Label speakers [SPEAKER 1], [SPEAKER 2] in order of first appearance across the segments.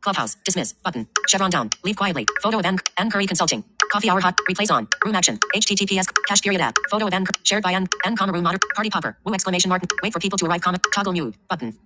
[SPEAKER 1] Clubhouse. Dismiss. Button. Chevron down. Leave quietly. Photo of Anne, Anne Curry Consulting. Coffee hour hot. Replace on. Room action. HTTPS. Cache period app. Photo of Anne. Shared by Anne. Anne comma room modder. Party popper. Woo exclamation mark. Wait for people to arrive comma. Toggle mute. Button.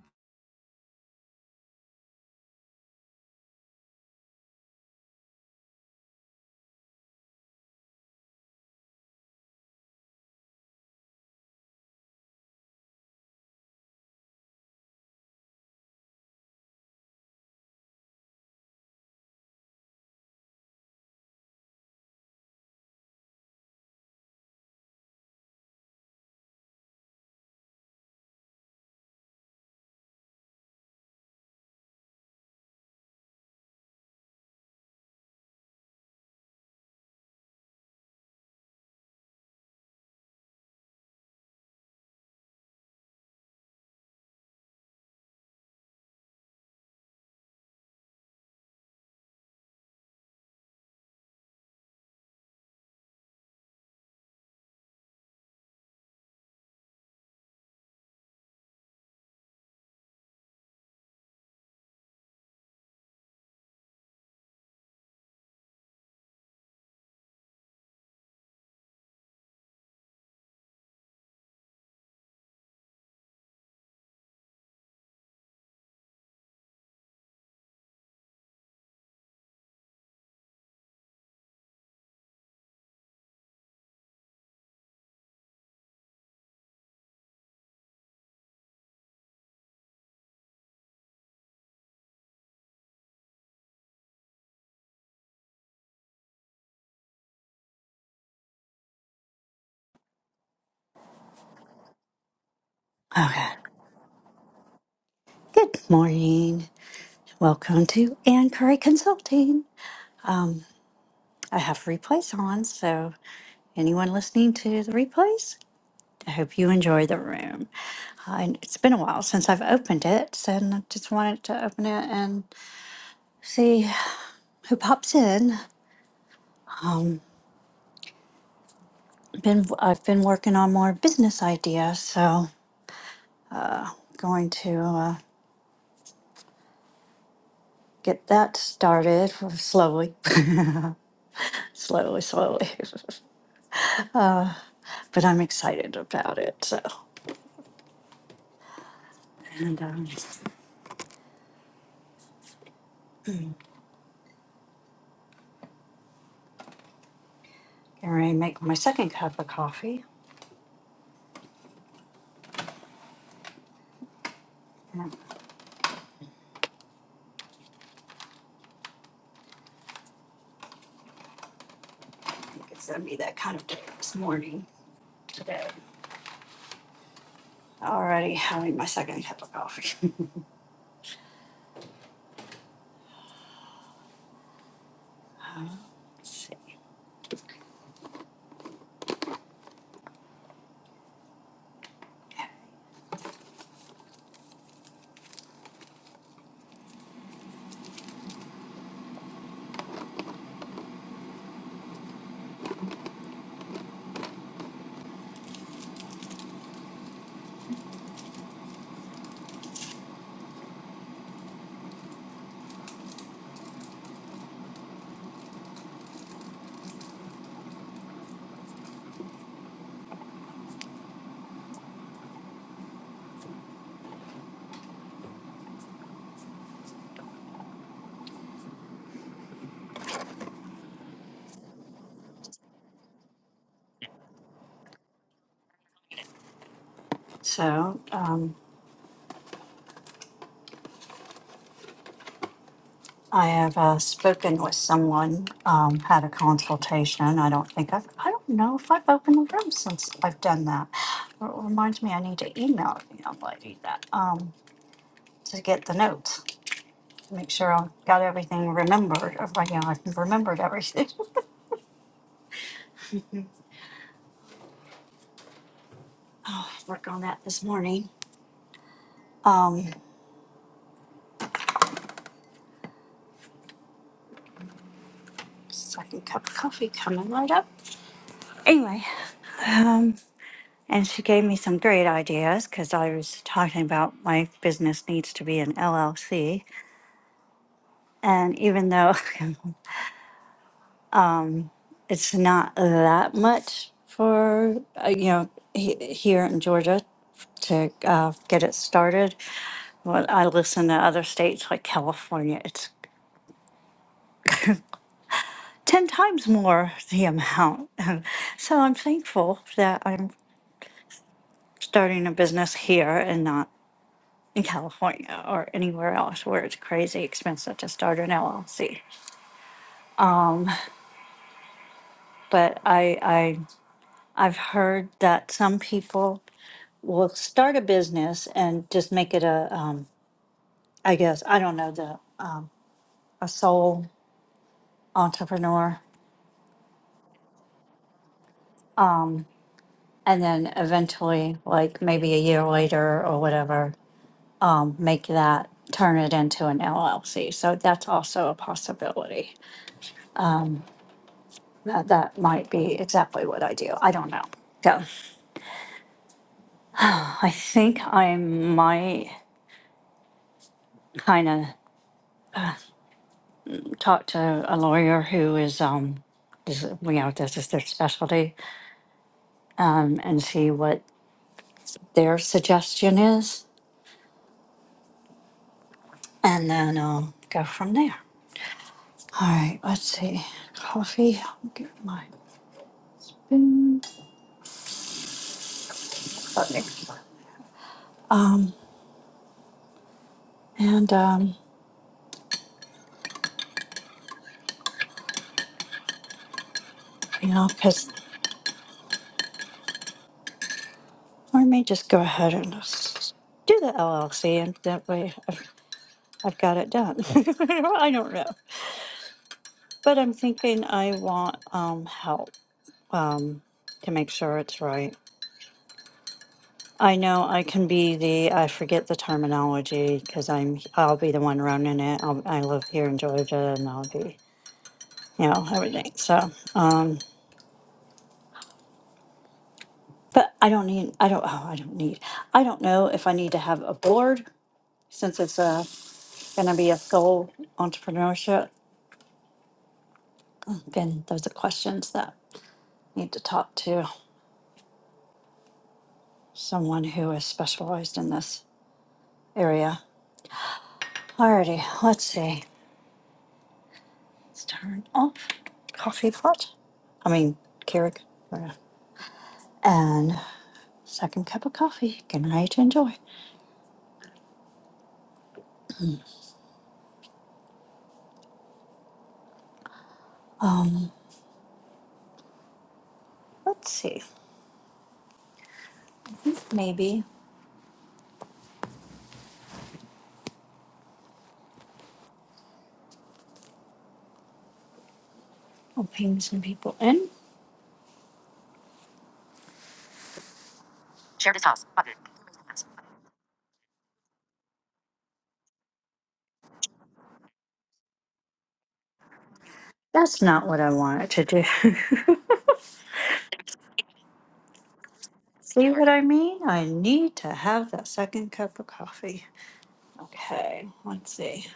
[SPEAKER 1] Okay. Good morning. Welcome to Anne Curry Consulting. I have replays on, so anyone listening to the replays, I hope you enjoy the room. Uh, and it's been a while since I've opened it, and I just wanted to open it and see who pops in. been I've been working on more business ideas, so going to uh, get that started slowly, slowly, slowly. but I'm excited about it. So, and um, getting ready to make my second cup of coffee. And I think it's gonna be that kind of day this morning today. Already having my second cup of coffee. Let's see. So. um, I have uh, spoken with someone, um, had a consultation. I don't think I've, I don't know if I've opened the room since I've done that. It reminds me I need to email the young lady that um, to get the notes, make sure I've got everything remembered. If I, you know, I've remembered everything. Work on that this morning. Um, second cup of coffee coming right up. Anyway, and she gave me some great ideas because I was talking about my business needs to be an LLC. And even though it's not that much for uh, you know he, here in Georgia to uh, get it started. When I listen to other states like California, it's ten times more the amount. so I'm thankful that I'm starting a business here and not in California or anywhere else where it's crazy expensive to start an LLC. But I, I I've heard that some people will start a business and just make it a um, I guess, I don't know, the, a sole entrepreneur. And then eventually, like maybe a year later or whatever, um, make that, turn it into an LLC. So that's also a possibility. That that might be exactly what I do. I don't know. So I think I might kind of talk to a lawyer who is, um, is, you know, this is their specialty, um, and see what their suggestion is and then, um, go from there. All right, let's see. Coffee. I'll get my thing. And, um, you know, because or I may just go ahead and just do the LLC, and that way I've, I've got it done. I don't know. But I'm thinking I want um, help um, to make sure it's right. I know I can be the, I forget the terminology because I'm, I'll be the one running it. I'll, I live here in Georgia and I'll be, you know, everything. So. But I don't need, I don't, oh, I don't need, I don't know if I need to have a board since it's uh, going to be a sole entrepreneurship. Then those are questions that need to talk to someone who is specialized in this area. Alrighty, let's see. Let's turn off coffee pot. I mean, Keurig. whatever. And second cup of coffee. Good night, enjoy. Let's see. Maybe I'll ping some people in. Share this house. button. That's not what I wanted to do. See what I mean? I need to have that second cup of coffee. Okay, let's see.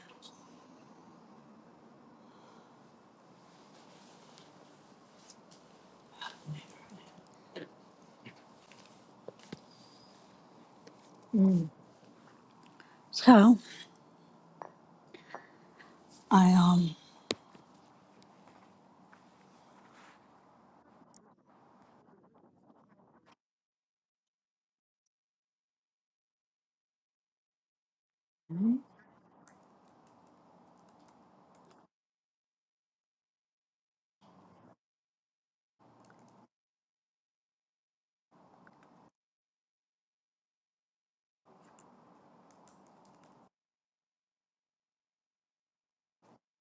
[SPEAKER 1] So I um.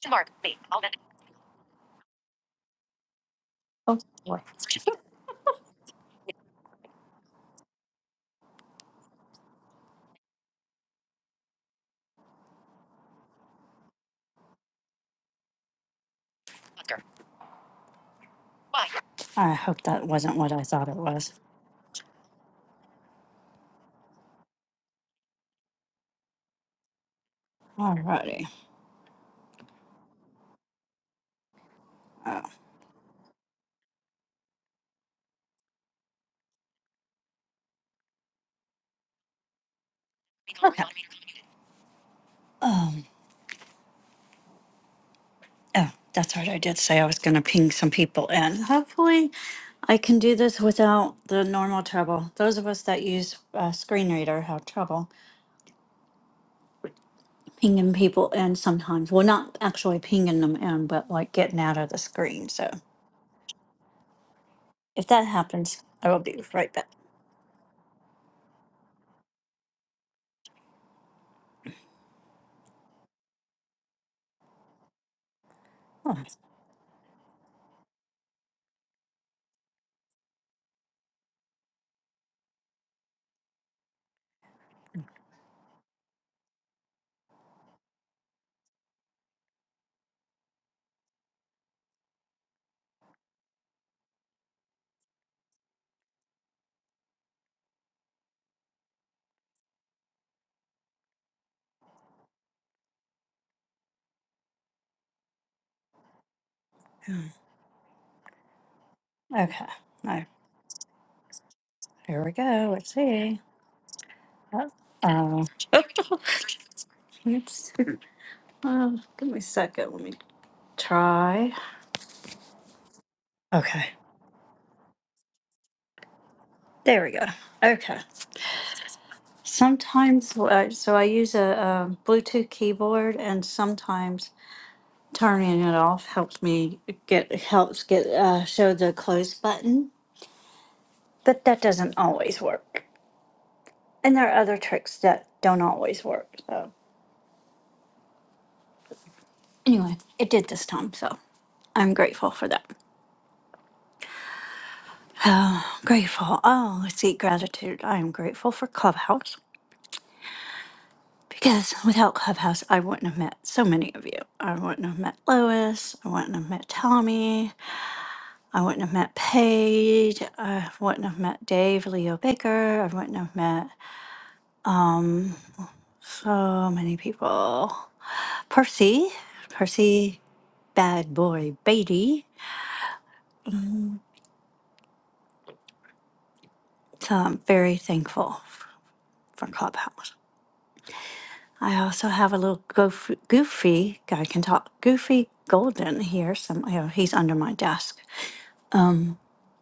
[SPEAKER 1] Mark, me, all that. Oh, boy. I hope that wasn't what I thought it was. Alrighty. Oh. Okay. Um. Oh, that's right. I did say I was going to ping some people in. Hopefully, I can do this without the normal trouble. Those of us that use uh, screen reader have trouble. pinging people in sometimes. Well, not actually pinging them in, but like getting out of the screen. So if that happens, I will be right back. Oh, okay. Now, here we go. Let's see. Oh, let's see. um, give me a second. Let me try. Okay. There we go. Okay. Sometimes, uh, so I use a, um Bluetooth keyboard, and sometimes turning it off helps me get helps get uh, show the close button but that doesn't always work. And there are other tricks that don't always work. So anyway, it did this time. So I'm grateful for that. grateful. Oh, let's see, gratitude. I am grateful for Clubhouse because without Clubhouse, I wouldn't have met so many of you. I wouldn't have met Lois. I wouldn't have met Tommy. I wouldn't have met Paige. I wouldn't have met Dave, Leo Baker. I wouldn't have met so many people. Percy, Percy, bad boy, Beatty. So I'm very thankful for Clubhouse. I also have a little goofy, goofy guy can talk. Goofy Golden here. Some you know, he's under my desk.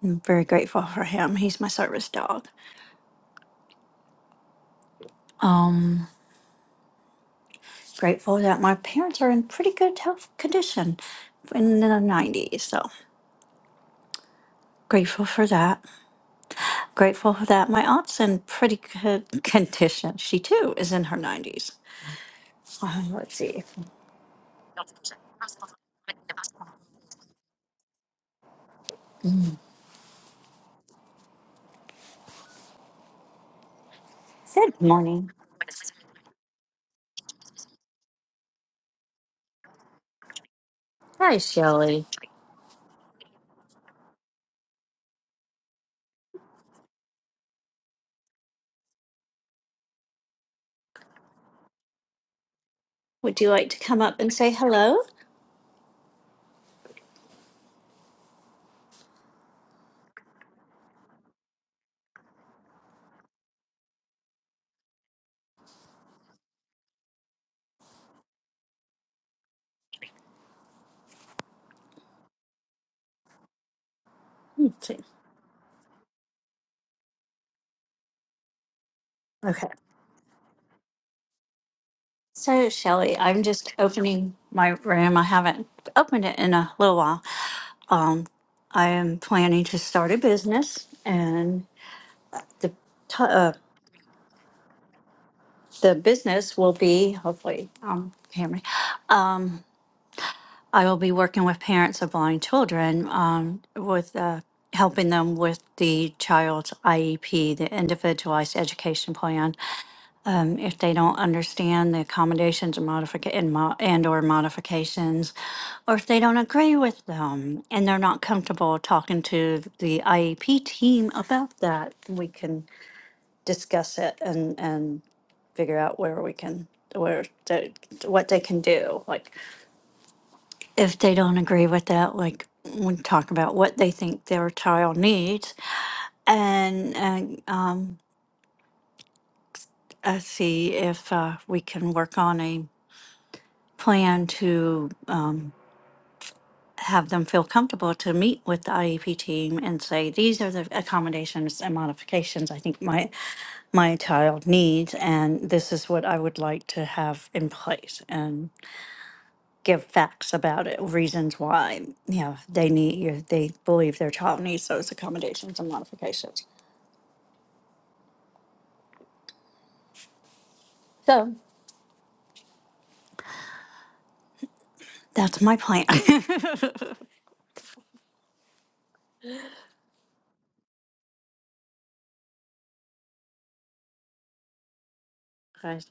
[SPEAKER 1] I'm very grateful for him. He's my service dog. Grateful that my parents are in pretty good health condition in the 90s. So grateful for that. Grateful for that. My aunt's in pretty good condition. She too is in her 90s. Um, let's see. Good morning. Would you like to come up and say hello? Okay. Okay. So, Shelley, I'm just opening my room. I haven't opened it in a little while. Um, I am planning to start a business, and the t- uh, the business will be hopefully um, Cameron. I will be working with parents of blind children um, with uh, helping them with the child's IEP, the Individualized Education Plan. um, if they don't understand the accommodations or modifica- and, mo- and or modifications, or if they don't agree with them and they're not comfortable talking to the IEP team about that, we can discuss it and, and figure out where we can, where, the- what they can do. Like, if they don't agree with that, like, we talk about what they think their child needs and, and, um, uh, see if, uh, we can work on a plan to um, have them feel comfortable to meet with the IEP team and say, these are the accommodations and modifications I think my my child needs, and this is what I would like to have in place, and give facts about it, reasons why you know they need you, they believe their child needs those accommodations and modifications. So that's my plan. Guys,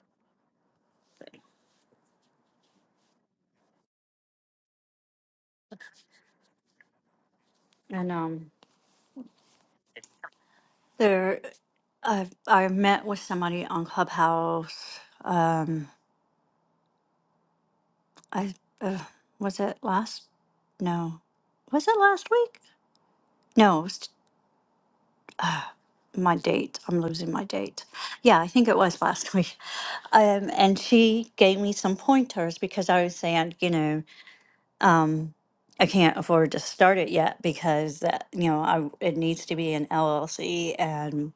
[SPEAKER 1] and um, there, I I met with somebody on Clubhouse um, I uh, was it last? No, was it last week? No, it was t- my date. I'm losing my date. Yeah, I think it was last week. Um, and she gave me some pointers because I was saying, you know, um, I can't afford to start it yet because that, you know, I it needs to be an LLC and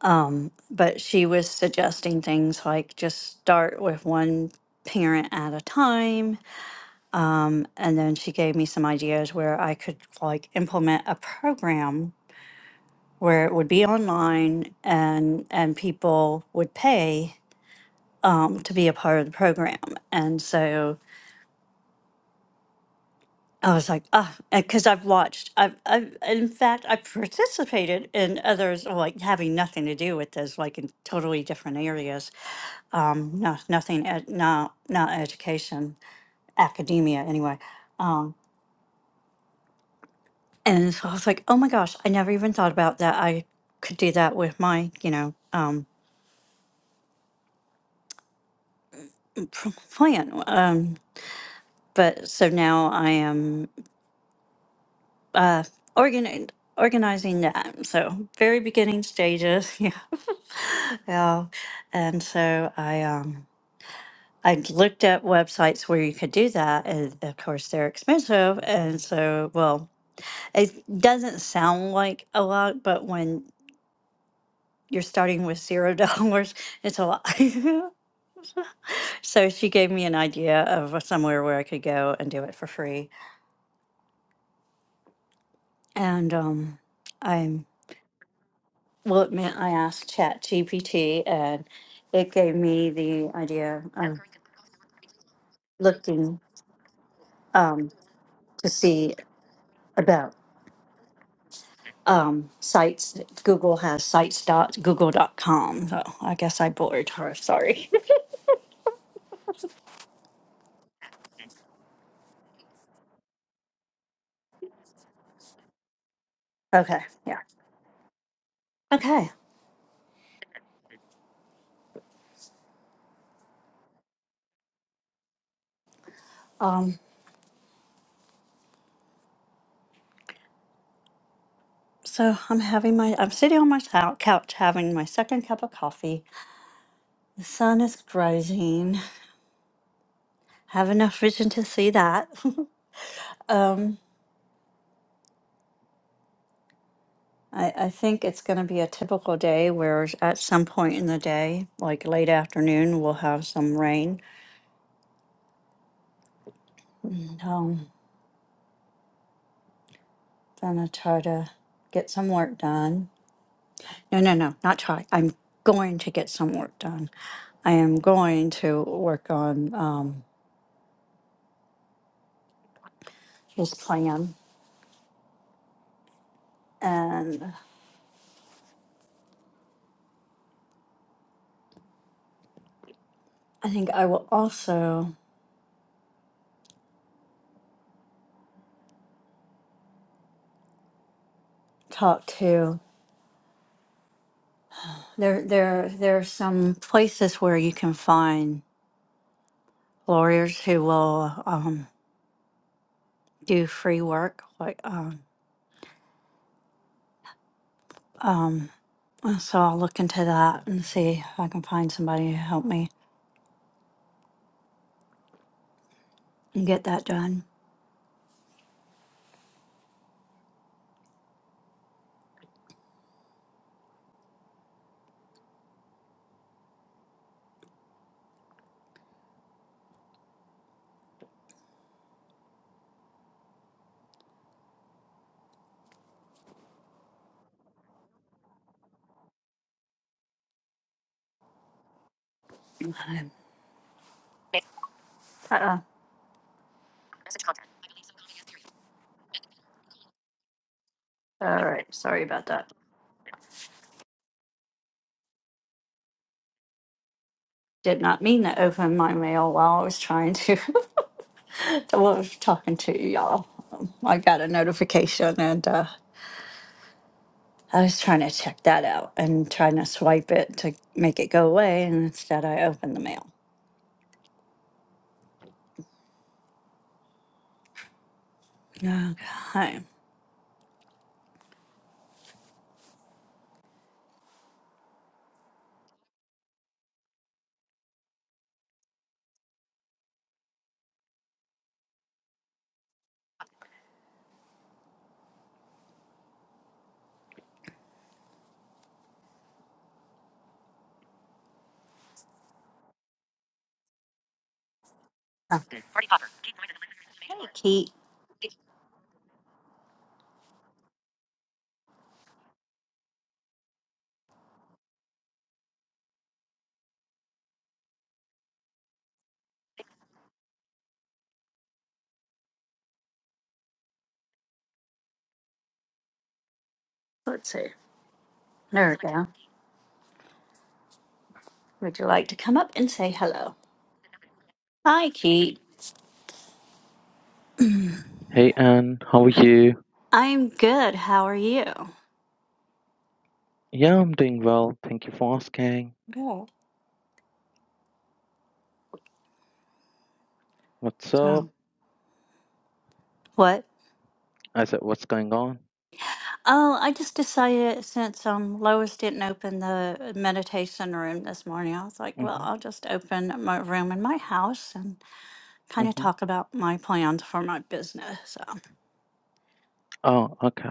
[SPEAKER 1] um, but she was suggesting things like just start with one parent at a time and then she gave me some ideas where I could like implement a program where it would be online and and people would pay um, to be a part of the program. And so I was like, ah, because I've watched, I've, I've, in fact, I participated in others like having nothing to do with this, like in totally different areas. Um, not nothing, ed, not not education, academia anyway Um, And so I was like, oh my gosh, I never even thought about that. I could do that with my, you know, um, pr- plan. Um, but so now I am uh, organi- organizing that. So very beginning stages. Yeah. yeah. And so I, um, I looked at websites where you could do that. And of course, they're expensive. And so, well, it doesn't sound like a lot, but when you're starting with zero dollars, it's a lot. So she gave me an idea of somewhere where I could go and do it for free. And um, I'm well, it meant I asked Chat GPT, and it gave me the idea of looking um, to see about um, sites. that Google has sites dot google dot com. So I guess I bored her. Sorry. Okay. Yeah. Okay. Um, so I'm having my, I'm sitting on my cou- couch having my second cup of coffee. The sun is rising have enough vision to see that. um, I, I think it's going to be a typical day where at some point in the day, like late afternoon, we'll have some rain. And, Um, gonna try to get some work done. No, no, no, not try. I'm going to get some work done. I am going to work on um, his plan, and I think I will also talk to there. There, there are some places where you can find lawyers who will um, do free work. Like, um, so I'll look into that and see if I can find somebody to help me and get that done. Uh-uh. All right, sorry about that. Did not mean to open my mail while I was trying to, while I was talking to y'all. you y'all. Um, I got a notification and uh, I was trying to check that out and trying to swipe it to make it go away, and instead I opened the mail. Okay. Hey, Kate. Let's see. There we go. Would you like to come up and say hello? Hi, Keith.
[SPEAKER 2] Hey Anne, how are you?
[SPEAKER 1] I'm good. How are you?
[SPEAKER 2] Yeah, I'm doing well. Thank you for asking.
[SPEAKER 1] Good.
[SPEAKER 2] What's up?
[SPEAKER 1] So, what?
[SPEAKER 2] I said, what's going on?
[SPEAKER 1] Oh, I just decided since um Lois didn't open the meditation room this morning, I was like, well,
[SPEAKER 2] Mm-hmm.
[SPEAKER 1] I'll just open my room in my house and kind of
[SPEAKER 2] Mm-hmm.
[SPEAKER 1] talk about my plans for my business. So,
[SPEAKER 2] Oh, okay.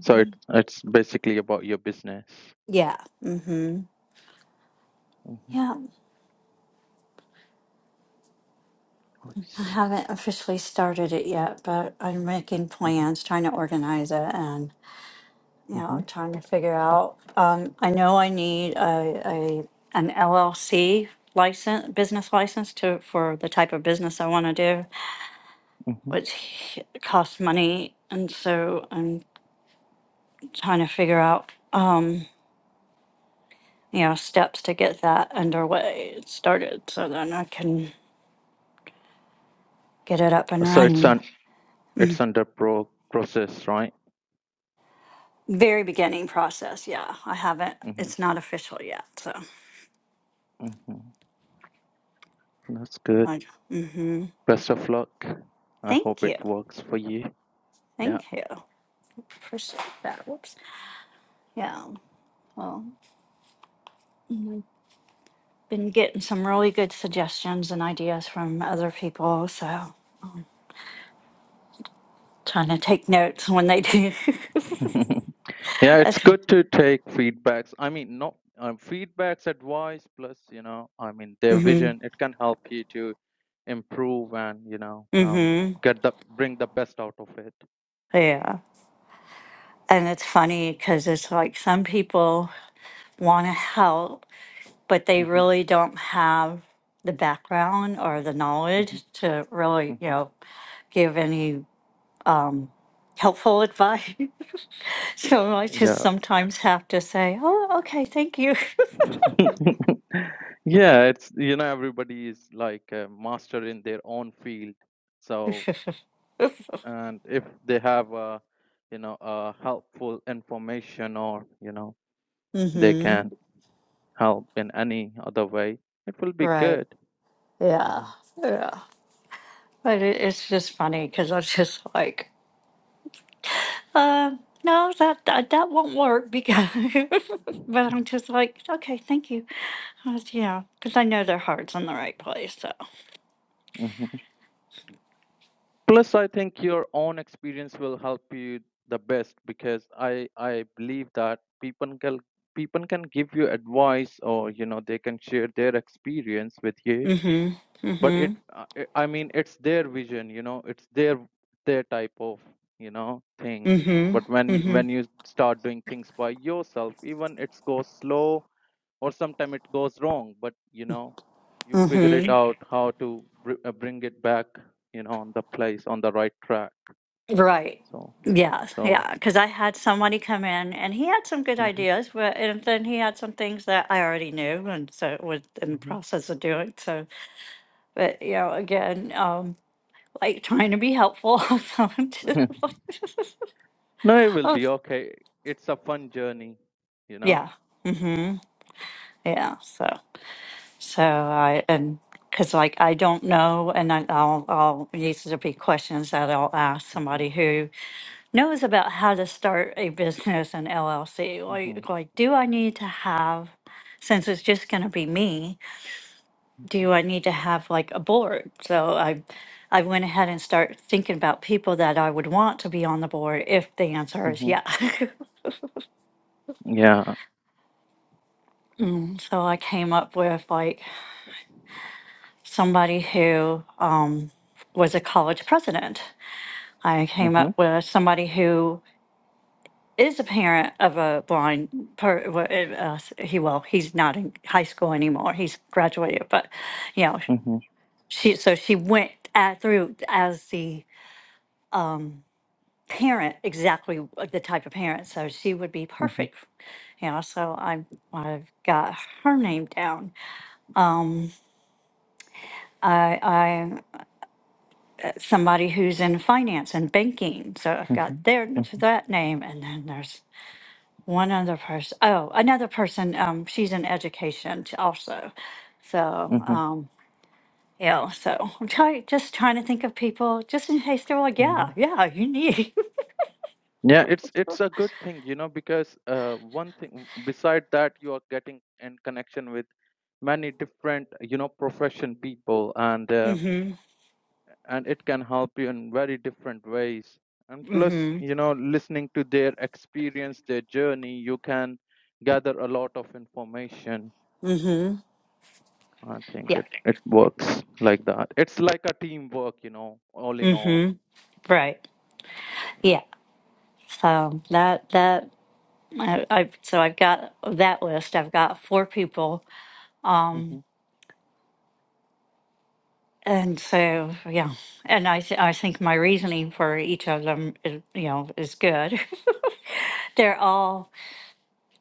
[SPEAKER 2] So it's it's basically about your business.
[SPEAKER 1] yeah. Mm-hmm.
[SPEAKER 2] Mm-hmm.
[SPEAKER 1] Yeah. I
[SPEAKER 2] Nice.
[SPEAKER 1] haven't officially started it yet, but I'm making
[SPEAKER 2] Mm-hmm.
[SPEAKER 1] plans, trying to organize it, and. you know,
[SPEAKER 2] Mm-hmm.
[SPEAKER 1] trying to figure out. Um, I know I need a, a, an LLC license, business license to, for the type of business I want to do,
[SPEAKER 2] Mm-hmm.
[SPEAKER 1] which costs money. And so I'm trying to figure out, uh, you know, steps to get that underway, started, so then I can get it up and
[SPEAKER 2] So it's
[SPEAKER 1] running.
[SPEAKER 2] on it's under pro process, right?
[SPEAKER 1] Very beginning process, yeah. I haven't,
[SPEAKER 2] Mm-hmm.
[SPEAKER 1] it's not official yet, so
[SPEAKER 2] Mm-hmm. That's good.
[SPEAKER 1] I, mm-hmm.
[SPEAKER 2] Best of luck. I hope
[SPEAKER 1] Thank
[SPEAKER 2] it
[SPEAKER 1] you.
[SPEAKER 2] works for you. Yeah.
[SPEAKER 1] Thank you. Appreciate that. Whoops. Yeah. Well, been getting some really good suggestions and ideas from other people, so trying to take notes when they do.
[SPEAKER 2] Yeah, it's good to take feedbacks. I mean, not um, feedbacks, advice, plus, you know, I mean, their
[SPEAKER 1] mhm.
[SPEAKER 2] vision. It can help you to improve and, you know, um,
[SPEAKER 1] Mhm.
[SPEAKER 2] get the bring the best out of it.
[SPEAKER 1] Yeah. And it's funny cuz it's like some people want to help, but they
[SPEAKER 2] hmm
[SPEAKER 1] really don't have the background or the knowledge
[SPEAKER 2] hmm
[SPEAKER 1] to really, you
[SPEAKER 2] hmm
[SPEAKER 1] know, give any um helpful advice. so I just
[SPEAKER 2] Yeah.
[SPEAKER 1] sometimes have to say, "Oh, okay, thank you."
[SPEAKER 2] yeah, it's, you know, everybody is like a master in their own field. So, and if they have, uh, you know, uh, helpful information or, you know, they
[SPEAKER 1] mhm.
[SPEAKER 2] can How in any other way? It will be
[SPEAKER 1] Right.
[SPEAKER 2] good.
[SPEAKER 1] Yeah.
[SPEAKER 2] Yeah.
[SPEAKER 1] Yeah. But it, it's just funny because I was just like, uh, no, that, that that won't work because. but I'm just like, okay, thank you. I was- yeah, because I know their heart's in the right place. So.
[SPEAKER 2] hmm Plus, I think your own experience will help you the best because I I believe that people can people can give you advice or you know they can share their experience with you.
[SPEAKER 1] Mm-hmm.
[SPEAKER 2] But it
[SPEAKER 1] Mm-hmm.
[SPEAKER 2] uh, uh, I mean it's their vision, you know, it's their their type of you know thing. But
[SPEAKER 1] Mm-hmm.
[SPEAKER 2] when when
[SPEAKER 1] Mm-hmm.
[SPEAKER 2] you start doing things by yourself, even it goes slow or sometimes it goes wrong but you know you figure it
[SPEAKER 1] Mm-hmm.
[SPEAKER 2] out how to br- uh, bring it back you know on the place on the right track
[SPEAKER 1] Right.
[SPEAKER 2] so
[SPEAKER 1] Yeah.
[SPEAKER 2] so
[SPEAKER 1] Yeah. Because I had somebody come in and he had some good
[SPEAKER 2] hmm
[SPEAKER 1] ideas, but and then he had some things that I already knew, and so was in the process of doing. So, but you know, again. um, like trying to be helpful. So I'm just
[SPEAKER 2] hmm
[SPEAKER 1] like-
[SPEAKER 2] no it will
[SPEAKER 1] oh,
[SPEAKER 2] be okay it's a fun journey you know
[SPEAKER 1] yeah. hmm Yeah. So, so I, and because like I don't know, and I, I'll, I'll, these will be questions that I'll ask
[SPEAKER 2] hmm
[SPEAKER 1] somebody who knows about how to start a business and LLC.
[SPEAKER 2] hmm
[SPEAKER 1] Like, like, do I need to have, since it's just going to be me, do I need to have like a board? So I, I went ahead and start thinking about people that I would want to be on the board if the answer
[SPEAKER 2] hmm
[SPEAKER 1] is
[SPEAKER 2] hmm
[SPEAKER 1] yeah.
[SPEAKER 2] yeah
[SPEAKER 1] So I came up with like somebody who um, was a college president. I
[SPEAKER 2] hmm
[SPEAKER 1] came
[SPEAKER 2] hmm
[SPEAKER 1] up with somebody who is a parent of a blind per wa- uh, he well he's not in high school anymore he's graduated but you know
[SPEAKER 2] hmm
[SPEAKER 1] she so she went at, through as the parent exactly the type of parent so she would be perfect you know so i i've got her name down I somebody who's in finance and banking. So I've
[SPEAKER 2] hmm
[SPEAKER 1] got their that name, and then there's one other person. Oh, another person. Um, she's in education t- also. So
[SPEAKER 2] hmm
[SPEAKER 1] um, yeah. So I'm try, just trying to think of people just in case they're like,
[SPEAKER 2] hmm
[SPEAKER 1] yeah, yeah, you need.
[SPEAKER 2] Yeah, it's it's a good thing, you know, because uh, one thing beside that you are getting in connection with many different, you know, profession people, and uh,
[SPEAKER 1] mm-hmm.
[SPEAKER 2] and it can help you in very different ways. And plus,
[SPEAKER 1] Mm-hmm.
[SPEAKER 2] you know, listening to their experience, their journey, you can gather a lot of information.
[SPEAKER 1] Mm-hmm.
[SPEAKER 2] I think
[SPEAKER 1] Yeah.
[SPEAKER 2] it it works like that. It's like a teamwork, you know, all in all.
[SPEAKER 1] Mm-hmm. Right.
[SPEAKER 2] Yeah.
[SPEAKER 1] Yeah. So that that I, I so I've got that list. I've got four people
[SPEAKER 2] hmm
[SPEAKER 1] And so, yeah, and I th- I think my reasoning for each of them is you know is good. They're all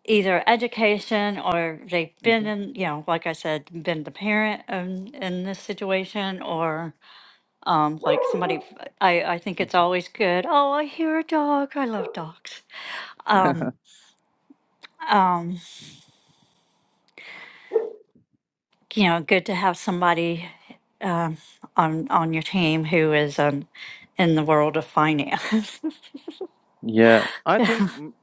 [SPEAKER 1] either education or they've been in you know like I said been the parent in, in this situation or um like somebody I I think it's always good. Oh, I hear a dog. I love dogs.
[SPEAKER 2] hmm
[SPEAKER 1] Um um you know good to have somebody um on on your team who is um in the world of finance.
[SPEAKER 2] Yeah, I think m-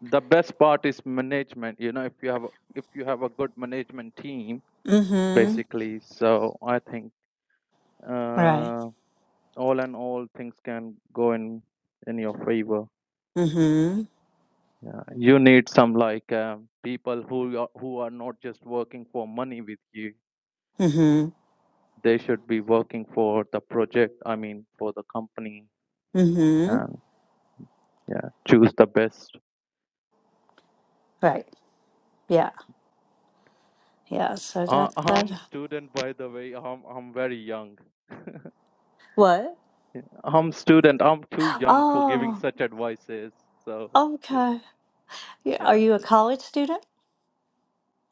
[SPEAKER 2] the best part is management. You know, if you have a- if you have a good management team,
[SPEAKER 1] mhm.
[SPEAKER 2] basically. So I think
[SPEAKER 1] Right.
[SPEAKER 2] uh, all in all, things can go in in your favor.
[SPEAKER 1] Mm-hmm.
[SPEAKER 2] Yeah, you need some like um, people who are, who are not just working for money with you.
[SPEAKER 1] Mm-hmm.
[SPEAKER 2] They should be working for the project. I mean, for the company,
[SPEAKER 1] Mm-hmm.
[SPEAKER 2] and yeah, choose the best.
[SPEAKER 1] Right. Yeah. Yeah. So
[SPEAKER 2] Uh,
[SPEAKER 1] that that
[SPEAKER 2] I'm student, by the way. I'm I'm very young.
[SPEAKER 1] what?
[SPEAKER 2] Yeah. I'm student. I'm too young for giving
[SPEAKER 1] Oh,
[SPEAKER 2] such advices. So yes,
[SPEAKER 1] okay. Yeah. Are
[SPEAKER 2] yeah.
[SPEAKER 1] you a college student?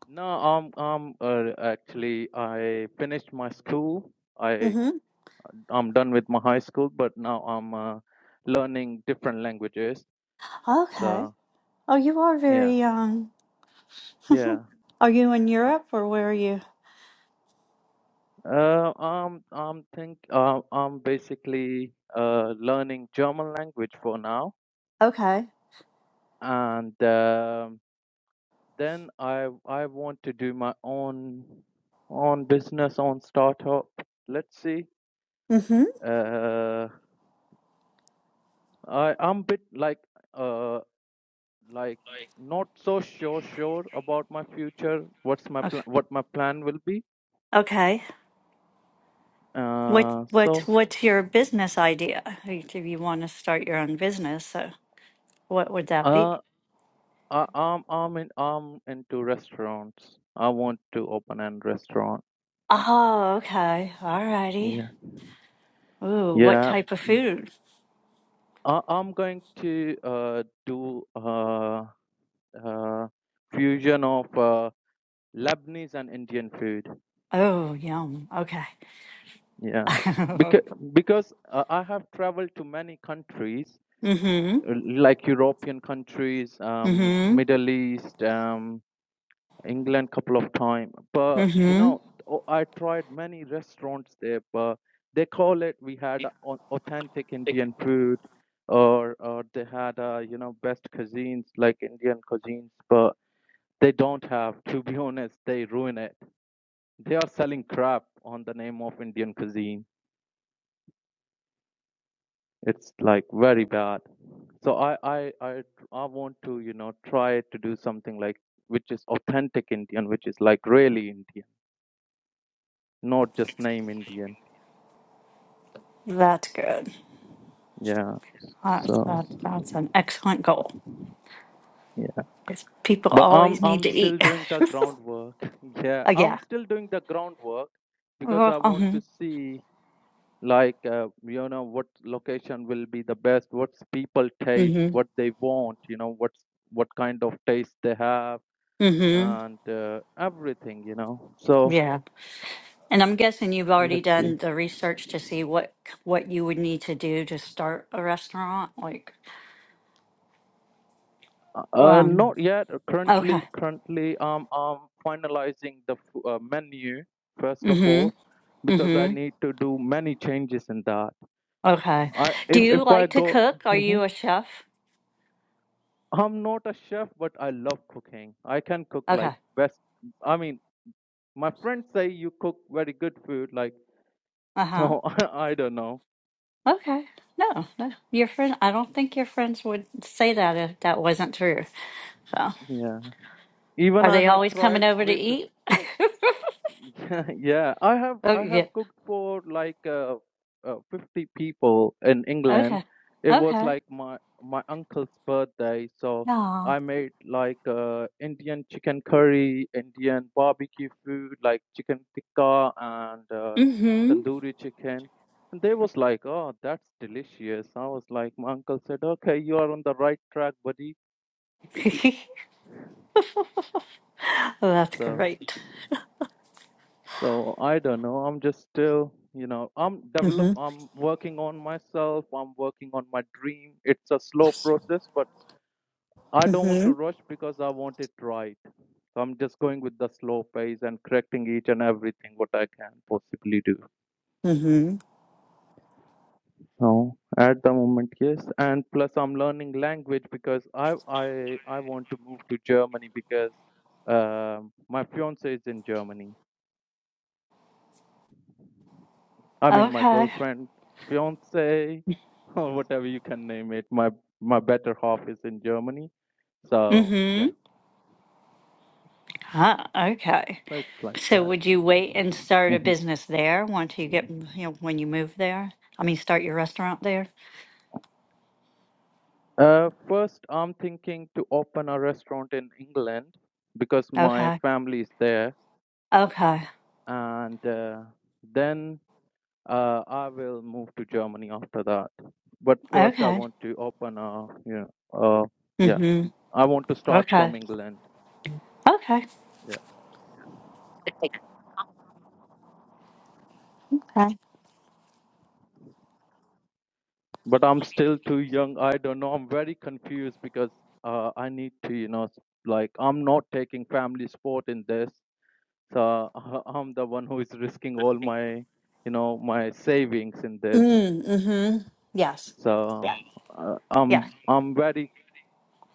[SPEAKER 2] No, I'm I'm uh, actually I finished my school. I
[SPEAKER 1] Mm-hmm.
[SPEAKER 2] I'm done with my high school, but now I'm uh, learning different languages.
[SPEAKER 1] Okay.
[SPEAKER 2] So
[SPEAKER 1] Oh, you are
[SPEAKER 2] yeah,
[SPEAKER 1] very young.
[SPEAKER 2] yeah.
[SPEAKER 1] Are you in Europe or where are you?
[SPEAKER 2] Uh, I'm I'm think uh, I'm basically uh learning German language for now,
[SPEAKER 1] Okay.
[SPEAKER 2] and um Then I I want to do my own own business, own startup. Let's see.
[SPEAKER 1] Mm-hmm.
[SPEAKER 2] Uh, I I'm bit like uh like not so sure sure about my future. What's my
[SPEAKER 1] Okay.
[SPEAKER 2] plan? What my plan will be?
[SPEAKER 1] Okay. What
[SPEAKER 2] Uh,
[SPEAKER 1] what
[SPEAKER 2] so
[SPEAKER 1] what's your business idea? Like, If you want to start your own business, so what would that
[SPEAKER 2] uh,
[SPEAKER 1] be?
[SPEAKER 2] I, I'm I'm in I'm into restaurants. I want to open a restaurant.
[SPEAKER 1] Oh, okay. All righty.
[SPEAKER 2] Yeah,
[SPEAKER 1] Ooh, what
[SPEAKER 2] yeah.
[SPEAKER 1] type of food?
[SPEAKER 2] I, I'm going to uh do uh uh fusion of uh Lebanese and Indian food.
[SPEAKER 1] Oh, yum. Okay.
[SPEAKER 2] Yeah, because because uh, I have traveled to many countries,
[SPEAKER 1] Mm-hmm.
[SPEAKER 2] uh, like European countries, um,
[SPEAKER 1] Mm-hmm.
[SPEAKER 2] Middle East, um, England, couple of times. But you
[SPEAKER 1] Mm-hmm.
[SPEAKER 2] know, o- I tried many restaurants there, but they call it we had a au- authentic Indian food, or or they had uh, you know best cuisines like Indian cuisines, but they don't have. To be honest, they ruin it. They are selling crap on the name of Indian cuisine. It's like very bad. So I I I I want to you know try to do something like which is authentic Indian, which is like really Indian, not just name Indian.
[SPEAKER 1] That's good.
[SPEAKER 2] Yeah.
[SPEAKER 1] That's
[SPEAKER 2] So
[SPEAKER 1] that, that's an excellent goal.
[SPEAKER 2] yeah.
[SPEAKER 1] Because people
[SPEAKER 2] But I'm
[SPEAKER 1] always need
[SPEAKER 2] I'm
[SPEAKER 1] to
[SPEAKER 2] still
[SPEAKER 1] eat.
[SPEAKER 2] doing the groundwork. Yeah,
[SPEAKER 1] Oh,
[SPEAKER 2] I'm
[SPEAKER 1] yeah.
[SPEAKER 2] still doing the groundwork because
[SPEAKER 1] Well,
[SPEAKER 2] I want
[SPEAKER 1] Mm-hmm.
[SPEAKER 2] to see like uh, you know what location will be the best what's people taste
[SPEAKER 1] Mm-hmm.
[SPEAKER 2] what they want you know what's what kind of taste they have
[SPEAKER 1] Mm-hmm.
[SPEAKER 2] and uh, everything you know so
[SPEAKER 1] Yeah. And I'm guessing you've already
[SPEAKER 2] let's see
[SPEAKER 1] done the research to see what what you would need to do to start a restaurant. Like,
[SPEAKER 2] uh, uh,
[SPEAKER 1] um,
[SPEAKER 2] not yet
[SPEAKER 1] okay.
[SPEAKER 2] currently currently um, i'm finalizing the f- uh, menu first of all
[SPEAKER 1] Mm-hmm.
[SPEAKER 2] because i
[SPEAKER 1] Mm-hmm.
[SPEAKER 2] need to do many changes in that
[SPEAKER 1] Okay.
[SPEAKER 2] i
[SPEAKER 1] Do
[SPEAKER 2] if,
[SPEAKER 1] you
[SPEAKER 2] if i
[SPEAKER 1] like to
[SPEAKER 2] go
[SPEAKER 1] cook? Are
[SPEAKER 2] Mhm.
[SPEAKER 1] you a chef?
[SPEAKER 2] i'm not a chef but i love cooking i can cook like
[SPEAKER 1] Okay.
[SPEAKER 2] best i mean My friends say you cook very good food, like
[SPEAKER 1] Uh-huh.
[SPEAKER 2] so I, I don't know.
[SPEAKER 1] Okay. No, no. Your friend, I don't think your friends would say that if that wasn't true. So,
[SPEAKER 2] Yeah. Even
[SPEAKER 1] are
[SPEAKER 2] I
[SPEAKER 1] they
[SPEAKER 2] have
[SPEAKER 1] always coming
[SPEAKER 2] tried
[SPEAKER 1] over to
[SPEAKER 2] with
[SPEAKER 1] eat?
[SPEAKER 2] yeah, yeah. I have
[SPEAKER 1] oh,
[SPEAKER 2] I
[SPEAKER 1] yeah.
[SPEAKER 2] have cooked for like uh, uh, 50 people in England.
[SPEAKER 1] Okay.
[SPEAKER 2] It was
[SPEAKER 1] Okay.
[SPEAKER 2] like my my uncle's birthday, so
[SPEAKER 1] Yeah.
[SPEAKER 2] I made like uh, Indian chicken curry, Indian barbecue food like chicken tikka and uh,
[SPEAKER 1] Mm-hmm.
[SPEAKER 2] tandoori chicken. And they was like, "Oh, that's delicious." I was like, my uncle said, "Okay, you are on the right track, buddy."
[SPEAKER 1] well, that's
[SPEAKER 2] So.
[SPEAKER 1] great.
[SPEAKER 2] So I don't know. I'm just still, you know, I'm develop.
[SPEAKER 1] Mm-hmm.
[SPEAKER 2] I'm working on myself. I'm working on my dream. It's a slow
[SPEAKER 1] Yes.
[SPEAKER 2] process, but I don't want
[SPEAKER 1] Mm-hmm.
[SPEAKER 2] to rush because I want it right. So I'm just going with the slow pace and correcting each and everything what I can possibly do.
[SPEAKER 1] Mm-hmm.
[SPEAKER 2] So at the moment, yes, and plus I'm learning language because I I I want to move to Germany because um my fiance is in Germany I mean, my
[SPEAKER 1] Okay.
[SPEAKER 2] girlfriend, fiance, or whatever you can name it. My my better half is in Germany, so
[SPEAKER 1] Mm-hmm.
[SPEAKER 2] yeah,
[SPEAKER 1] Huh, okay.
[SPEAKER 2] so it's like
[SPEAKER 1] So
[SPEAKER 2] that.
[SPEAKER 1] would you wait and start a
[SPEAKER 2] Mhm.
[SPEAKER 1] business there once you get, you know, when you move there? I mean, start your restaurant there?
[SPEAKER 2] Uh, first, I'm thinking to open a restaurant in England because my
[SPEAKER 1] Okay.
[SPEAKER 2] family is there,
[SPEAKER 1] Okay.
[SPEAKER 2] and uh, then uh, I will move to Germany after that. But first, I
[SPEAKER 1] Okay.
[SPEAKER 2] want to open a you know, uh, yeah,
[SPEAKER 1] Mm-hmm.
[SPEAKER 2] I want to start from
[SPEAKER 1] Okay.
[SPEAKER 2] England.
[SPEAKER 1] Okay.
[SPEAKER 2] Yeah. but I'm still too young. I don't know. I'm very confused because uh, I need to, you know, s- like I'm not taking family support in this, so I'm the one who is risking all my, you know, my savings in this.
[SPEAKER 1] Mm, mm-hmm. Yes.
[SPEAKER 2] So uh,
[SPEAKER 1] Yeah.
[SPEAKER 2] I'm I'm very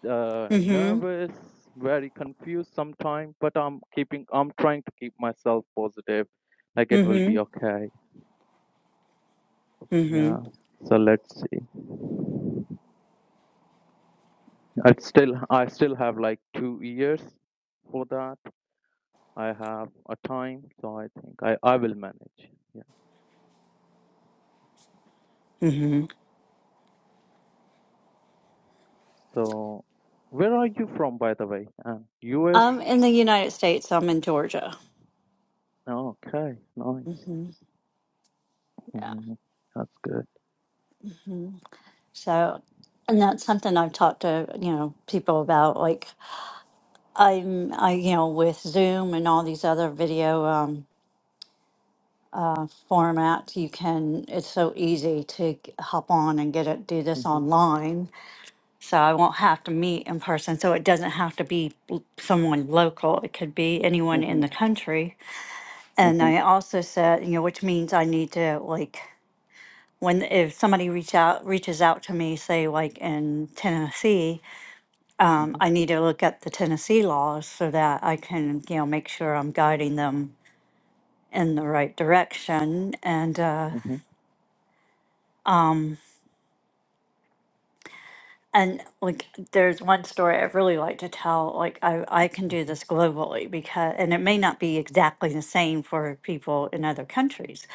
[SPEAKER 2] uh,
[SPEAKER 1] Mm-hmm.
[SPEAKER 2] nervous, very confused sometimes, but I'm keeping. I'm trying to keep myself positive, like it will
[SPEAKER 1] Mm-hmm.
[SPEAKER 2] be okay.
[SPEAKER 1] Mm-hmm.
[SPEAKER 2] Yeah. So let's see. I still I still have like two years for that. I have a time, so I think I, I will manage. Yeah.
[SPEAKER 1] Mm-hmm.
[SPEAKER 2] So where are you from by the way? Um, US?
[SPEAKER 1] I'm in the United States. I'm in Georgia.
[SPEAKER 2] Oh, okay, nice.
[SPEAKER 1] Mm-hmm. Yeah.
[SPEAKER 2] hmm That's good.
[SPEAKER 1] hmm So, and that's something I've talked to, you know, people about. Like, I'm, I, you know, with Zoom and all these other video um, uh, formats, you can, it's so easy to g- hop on and get it, do this
[SPEAKER 2] hmm
[SPEAKER 1] online So I won't have to meet in person. So it doesn't have to be l- someone local. It could be anyone in the
[SPEAKER 2] hmm
[SPEAKER 1] country. And
[SPEAKER 2] hmm
[SPEAKER 1] I also said, you know, which means I need to like when if somebody reach out reaches out to me, say like in Tennessee, um,
[SPEAKER 2] hmm
[SPEAKER 1] I need to look up the Tennessee laws so that I can you know make sure I'm guiding them in the right direction. And uh,
[SPEAKER 2] hmm
[SPEAKER 1] And like, there's one story I really like to tell. Like, I, I can do this globally because, and it may not be exactly the same for people in other countries,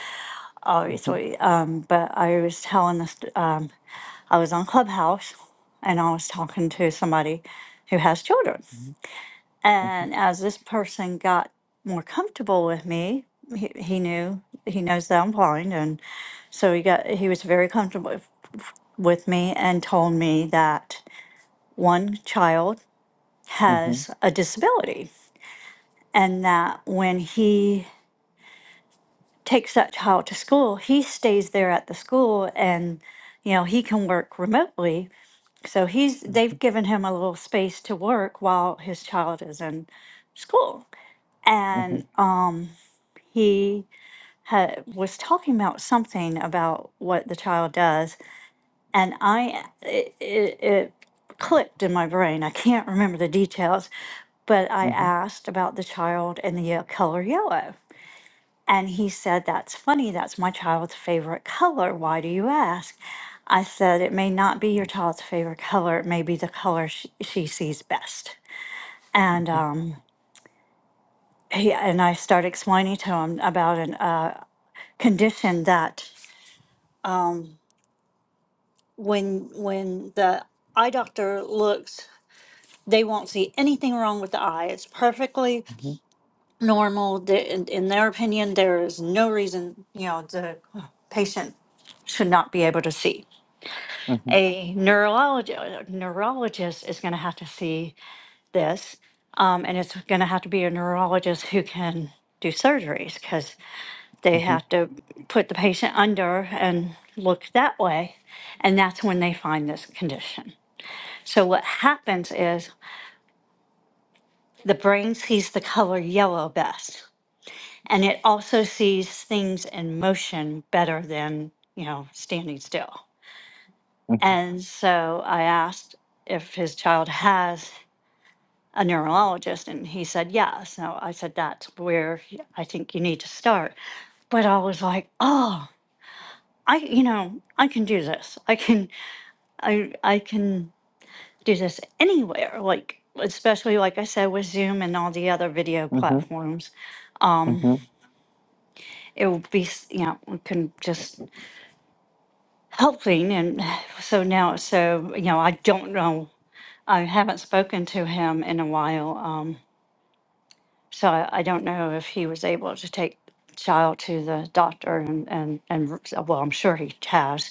[SPEAKER 2] hmm hmm
[SPEAKER 1] obviously. Um, but I was telling this, um, I was on Clubhouse and I was talking to somebody who has children.
[SPEAKER 2] hmm hmm
[SPEAKER 1] And as this person got more comfortable with me, he, he knew, he knows that I'm blind. And so he got, he was very comfortable with with me and told me that one child
[SPEAKER 2] Mhm,
[SPEAKER 1] has a disability, and that when he takes that child to school, he stays there at the school and you know he can work remotely so he's they've given him a little space to work while his child is in school and
[SPEAKER 2] mhm,
[SPEAKER 1] um, he had, was talking about something about what the child does and I it, it, it clicked in my brain. I can't remember the details, but I
[SPEAKER 2] mhm,
[SPEAKER 1] asked about the child and the ye- color yellow. And he said, That's funny. That's my child's favorite color. Why do you ask? I said, It may not be your child's favorite color. It may be the color she, she sees best. And um, he, and I started explaining to him about an uh, condition that um, when when the eye doctor looks they won't see anything wrong with the eye. It's perfectly
[SPEAKER 2] mhm,
[SPEAKER 1] normal. The- In, in their opinion, there is no reason, you know, the patient should not be able to see. A neurologist, neurologist is going to have to see this, um, and it's going to have to be a neurologist who can do surgeries because
[SPEAKER 2] mhm, mhm,
[SPEAKER 1] they
[SPEAKER 2] mhm,
[SPEAKER 1] have to put the patient under and look that way, and that's when they find this condition. So what happens is The brain sees the color yellow best, and it also sees things in motion better than, you know, standing still. And so I asked if his child has a neurologist, and he said yes. So I said, that's where I think you need to start. But I was like, oh, I, you know, I can do this. I can, I, I can do this anywhere. Like, especially like I said with Zoom and all the other video
[SPEAKER 2] mhm,
[SPEAKER 1] platforms
[SPEAKER 2] mhm,
[SPEAKER 1] it would be s- you know we can just helping and so now so you know i don't know i haven't spoken to him in a while um so i, I don't know if he was able to take child to the doctor and and and r- so, well i'm sure he has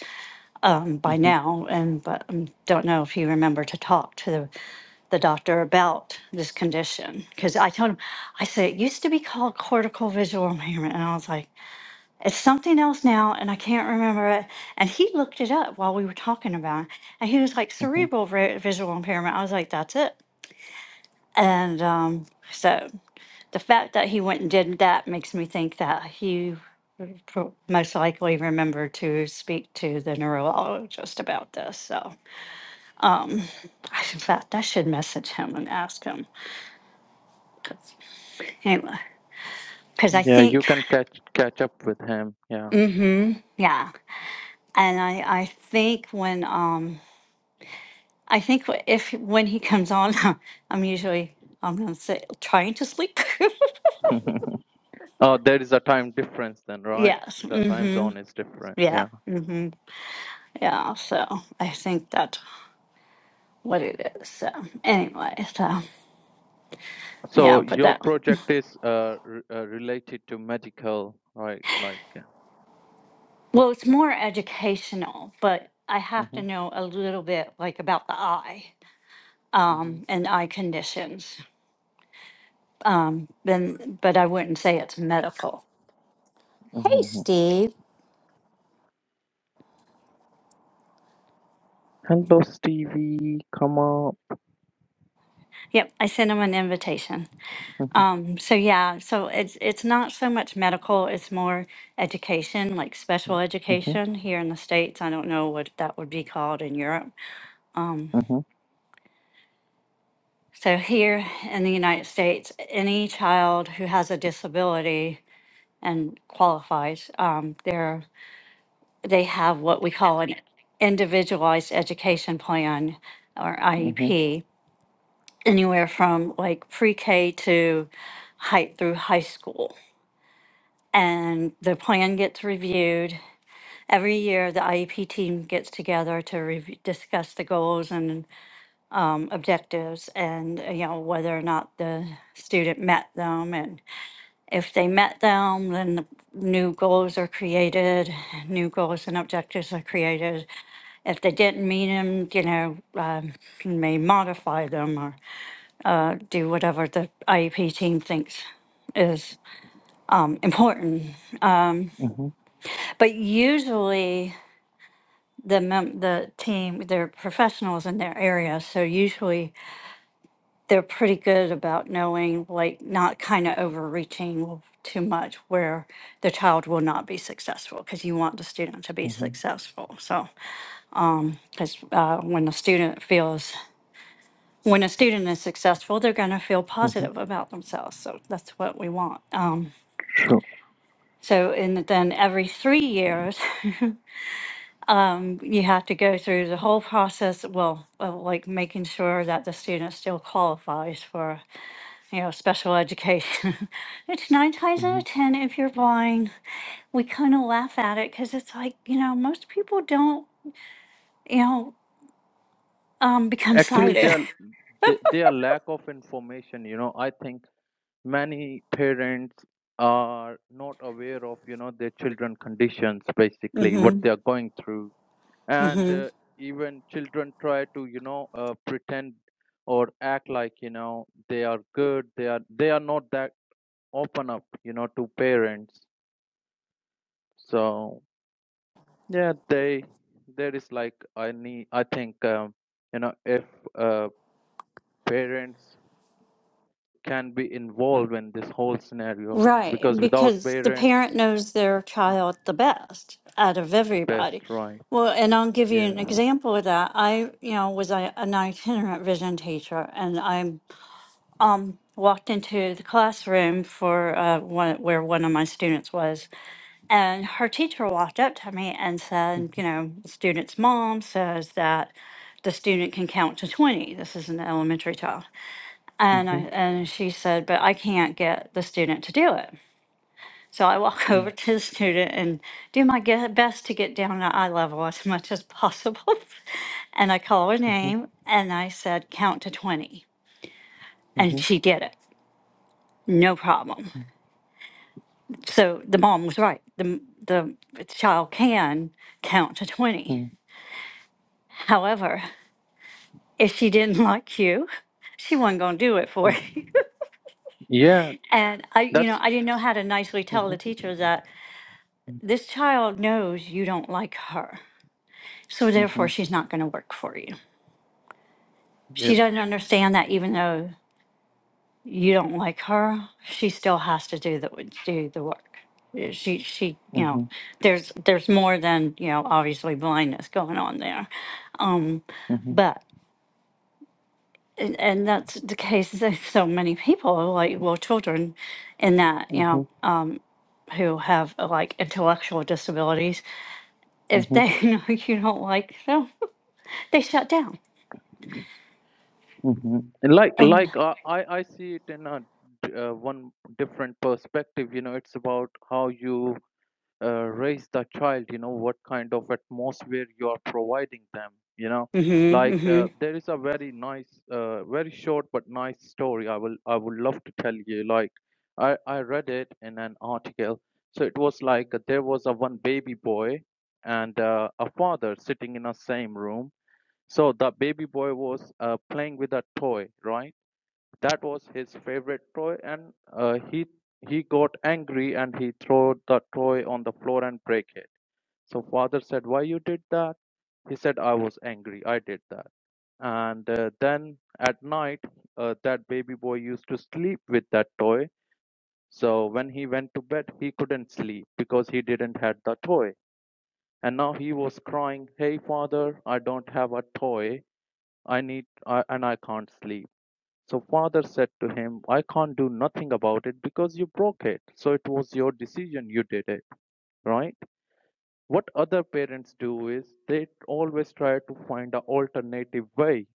[SPEAKER 1] um by
[SPEAKER 2] mhm,
[SPEAKER 1] now and but i don't know if he remembered to talk to the the doctor about this condition because i told him i said it used to be called cortical visual impairment and i was like It's something else now, and I can't remember it. And he looked it up while we were talking about it. And he was like,
[SPEAKER 2] mhm.
[SPEAKER 1] cerebral vi- visual impairment. I was like, that's it. And um, so the fact that he went and did that makes me think that he would pro- most likely remembered to speak to the neurologist about this. So, I- in fact, I should message him and ask him. 'Cause- Anyway, because I
[SPEAKER 2] Yeah, you
[SPEAKER 1] think,
[SPEAKER 2] can catch catch up with him. Yeah.
[SPEAKER 1] mm-hmm, yeah. And I, I think when, um, I think wh- if when he comes on, I'm usually I'm gonna say trying to sleep.
[SPEAKER 2] Oh, there is a time difference then, right?
[SPEAKER 1] yes.
[SPEAKER 2] The time
[SPEAKER 1] Mm-hmm.
[SPEAKER 2] zone is different.
[SPEAKER 1] Yeah.
[SPEAKER 2] Yeah.
[SPEAKER 1] Mm-hmm. Yeah. So I think that's what it is. So anyway, so
[SPEAKER 2] So
[SPEAKER 1] yeah, but
[SPEAKER 2] your
[SPEAKER 1] that
[SPEAKER 2] project is uh, r- uh related to medical, right? Like. uh,
[SPEAKER 1] well, it's more educational, but I have
[SPEAKER 2] Mm-hmm,
[SPEAKER 1] to know a little bit like about the eye um,
[SPEAKER 2] mm-hmm,
[SPEAKER 1] and eye conditions. Um, then, but I wouldn't say it's medical.
[SPEAKER 2] mm-hmm. mm-hmm. Hello, Stevie. Come up.
[SPEAKER 1] Yep, I sent him an invitation.
[SPEAKER 2] Mm-hmm,
[SPEAKER 1] Um, so yeah, so it's it's not so much medical, it's more education, like special
[SPEAKER 2] mm-hmm,
[SPEAKER 1] education here in the States. I don't know what that would be called in Europe.
[SPEAKER 2] mm-hmm,
[SPEAKER 1] So here in the United States, any child who has a disability and qualifies, um, they're they have what we call an individualized education plan or
[SPEAKER 2] mm-hmm,
[SPEAKER 1] IEP, anywhere from like pre-K to high through high school. and the plan gets reviewed. Every year, the IEP team gets together to rev- discuss the goals and objectives and, uh, you know, whether or not the student met them. And if they met them, then the new goals are created, new goals and objectives are created. If they didn't meet them, you know, um, you may modify them or uh, do whatever the IEP team thinks is um, important.
[SPEAKER 2] mm-hmm,
[SPEAKER 1] But usually, the mem- the team they're professionals in their area so usually they're pretty good about knowing like not kind of overreaching too much where the child will not be successful because you want the student to be
[SPEAKER 2] mm-hmm.
[SPEAKER 1] successful so because uh, when the student feels when a student is successful they're going to feel
[SPEAKER 2] mm-hmm.
[SPEAKER 1] positive about themselves so that's what we want um,
[SPEAKER 2] True.
[SPEAKER 1] so and then every three years Um, you have to go through the whole process, well, of like making sure that the student still qualifies for, you know, special education. It's nine times out
[SPEAKER 2] hmm
[SPEAKER 1] of ten if you're blind. We kind of laugh at it because it's like, you know, most people don't, you know, um, become
[SPEAKER 2] Actually, they
[SPEAKER 1] sighted.
[SPEAKER 2] are they, they are lack of information. You know, I think many parents are not aware of you know their children conditions basically what
[SPEAKER 1] hmm
[SPEAKER 2] they are going through and
[SPEAKER 1] hmm
[SPEAKER 2] uh, even children try to you know uh, pretend or act like you know they are good they are they are not that open up you know to parents so yeah they there is like i need i think um, you know if uh, parents can be involved in this whole scenario
[SPEAKER 1] Right,
[SPEAKER 2] because without
[SPEAKER 1] because the parent
[SPEAKER 2] parents
[SPEAKER 1] knows their child the best out of everybody.
[SPEAKER 2] best right
[SPEAKER 1] Well, and I'll give you
[SPEAKER 2] yes
[SPEAKER 1] an example of that. I, you know, was a, an itinerant vision teacher, and I um walked into the classroom for uh, one where one of my students was, and her teacher walked up to me and said, you know, the student's mom says that the student can count to 20. This is an elementary child. And I,
[SPEAKER 2] Mhm, mhm,
[SPEAKER 1] and she said, but I can't get the student to do it. So I walk over to the student and do my ge- best to get down to eye level as much as possible. and I call her
[SPEAKER 2] mhm,
[SPEAKER 1] name and I said, count to 20. And
[SPEAKER 2] mhm,
[SPEAKER 1] she did it. No problem.
[SPEAKER 2] mhm,
[SPEAKER 1] So the mom was right. The, the child can count to 20.
[SPEAKER 2] mhm,
[SPEAKER 1] However, if she didn't like you, she wasn't going to do it for
[SPEAKER 2] mhm.
[SPEAKER 1] you.
[SPEAKER 2] yeah
[SPEAKER 1] And I, you know, I
[SPEAKER 2] that's
[SPEAKER 1] didn't know how to nicely tell the teacher that
[SPEAKER 2] Mm,
[SPEAKER 1] this child knows you don't like her. So therefore,
[SPEAKER 2] mhm,
[SPEAKER 1] she's not going to work for you. she
[SPEAKER 2] Yep.
[SPEAKER 1] doesn't understand that even though you don't like her, she still has to do the do the work. Yeah, She she you know
[SPEAKER 2] Mhm,
[SPEAKER 1] there's there's more than you know obviously blindness going on there, um,
[SPEAKER 2] mhm,
[SPEAKER 1] but and, and that's the case with so many people like well children in that you know
[SPEAKER 2] mhm,
[SPEAKER 1] um, who have uh, like intellectual disabilities if
[SPEAKER 2] mhm,
[SPEAKER 1] they know you don't like them they shut down.
[SPEAKER 2] mhm. Like,
[SPEAKER 1] And,
[SPEAKER 2] like uh, I, I see it in a d- uh, one different perspective. You know, it's about how you uh, raise the child you know what kind of atmosphere you are providing them you know
[SPEAKER 1] mm-hmm,
[SPEAKER 2] like
[SPEAKER 1] mm-hmm.
[SPEAKER 2] uh, there is a very nice uh, very short but nice story i will i would love to tell you like i i read it in an article so it was like uh, there was a one baby boy and uh, a father sitting in a same room so the baby boy was uh, playing with a toy right that was his favorite toy, and uh, he he got angry and he threw the toy on the floor and break it. So father said, "Why you did that?" He said, "I was angry. I did that." And uh, then at night, uh, that baby boy used to sleep with that toy. So when he went to bed, he couldn't sleep because he didn't had the toy. And now he was crying, "Hey father, I don't have a toy. I need I, and I can't sleep." So father said to him, I can't do nothing about it because you broke it. So it was your decision you did it, right? What other parents do is they always try to find an alternative way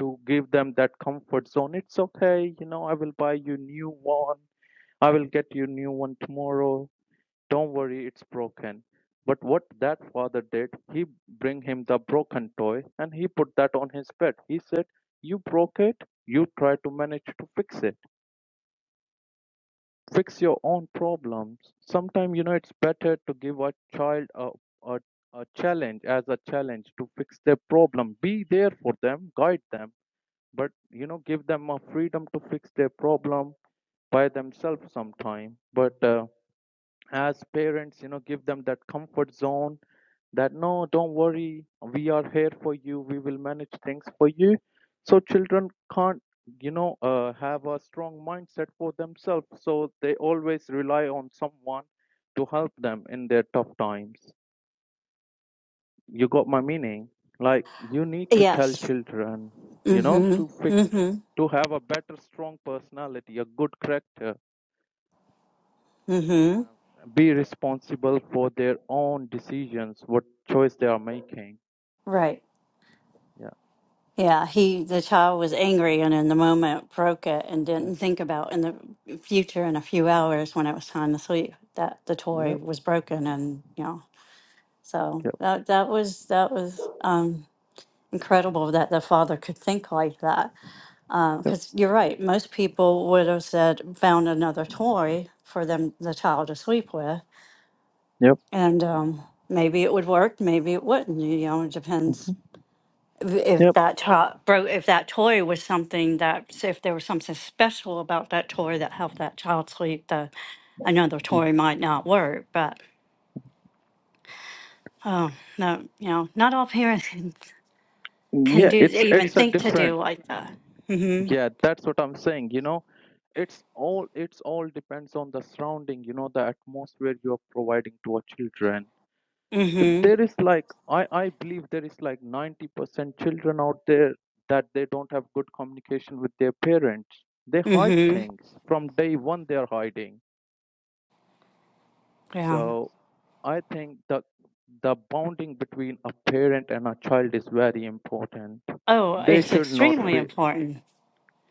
[SPEAKER 2] to give them that comfort zone. It's okay, you know, I will buy you new one. I will get you new one tomorrow. Don't worry, it's broken. But what that father did, he bring him the broken toy and he put that on his bed. He said, you broke it, you try to manage to fix it fix your own problems sometimes you know it's better to give a child a, a, a challenge as a challenge to fix their problem be there for them guide them but you know give them a freedom to fix their problem by themselves sometime but uh, as parents you know give them that comfort zone that no don't worry we are here for you we will manage things for you so children can't you know uh, have a strong mindset for themselves so they always rely on someone to help them in their tough times you got my meaning like you need to tell
[SPEAKER 1] Yes.
[SPEAKER 2] children you know
[SPEAKER 1] Mm-hmm.
[SPEAKER 2] to fix
[SPEAKER 1] Mm-hmm.
[SPEAKER 2] to have a better strong personality a good character
[SPEAKER 1] Mm-hmm.
[SPEAKER 2] uh, be responsible for their own decisions, what choice they are making.
[SPEAKER 1] Right.
[SPEAKER 2] Yeah.
[SPEAKER 1] Yeah, he the child was angry and in the moment broke it and
[SPEAKER 2] yeah.
[SPEAKER 1] didn't think about in the future in a few hours when it was time to sleep that the toy
[SPEAKER 2] Yep.
[SPEAKER 1] was broken and you know so
[SPEAKER 2] Yep.
[SPEAKER 1] that that was that was um incredible that the father could think like that
[SPEAKER 2] Yep.
[SPEAKER 1] because you're right most people would have said found another toy for them the child to sleep with
[SPEAKER 2] Yep.
[SPEAKER 1] and um maybe it would work maybe it wouldn't you know it depends
[SPEAKER 2] mhm,
[SPEAKER 1] if
[SPEAKER 2] Yep.
[SPEAKER 1] that child, bro if that toy was something that so if there was something special about that toy that helped that child sleep the another
[SPEAKER 2] mhm.
[SPEAKER 1] toy might not work but oh no you know not all parents can, can
[SPEAKER 2] Yeah.
[SPEAKER 1] do
[SPEAKER 2] It's
[SPEAKER 1] even
[SPEAKER 2] it's a
[SPEAKER 1] think to do
[SPEAKER 2] different.
[SPEAKER 1] like that mm-hmm
[SPEAKER 2] Yeah. That's what I'm saying. You know, it's all it's all depends on the surrounding. You know, the atmosphere you are providing to our children. Th-
[SPEAKER 1] mm-hmm
[SPEAKER 2] There is like I I believe there is like ninety percent children out there that they don't have good communication with their parents. They hide
[SPEAKER 1] mm-hmm
[SPEAKER 2] things from day one. They are hiding
[SPEAKER 1] yeah
[SPEAKER 2] So I think the the bonding between a parent and a child is very important.
[SPEAKER 1] oh
[SPEAKER 2] They
[SPEAKER 1] it's
[SPEAKER 2] should not
[SPEAKER 1] extremely
[SPEAKER 2] feel
[SPEAKER 1] important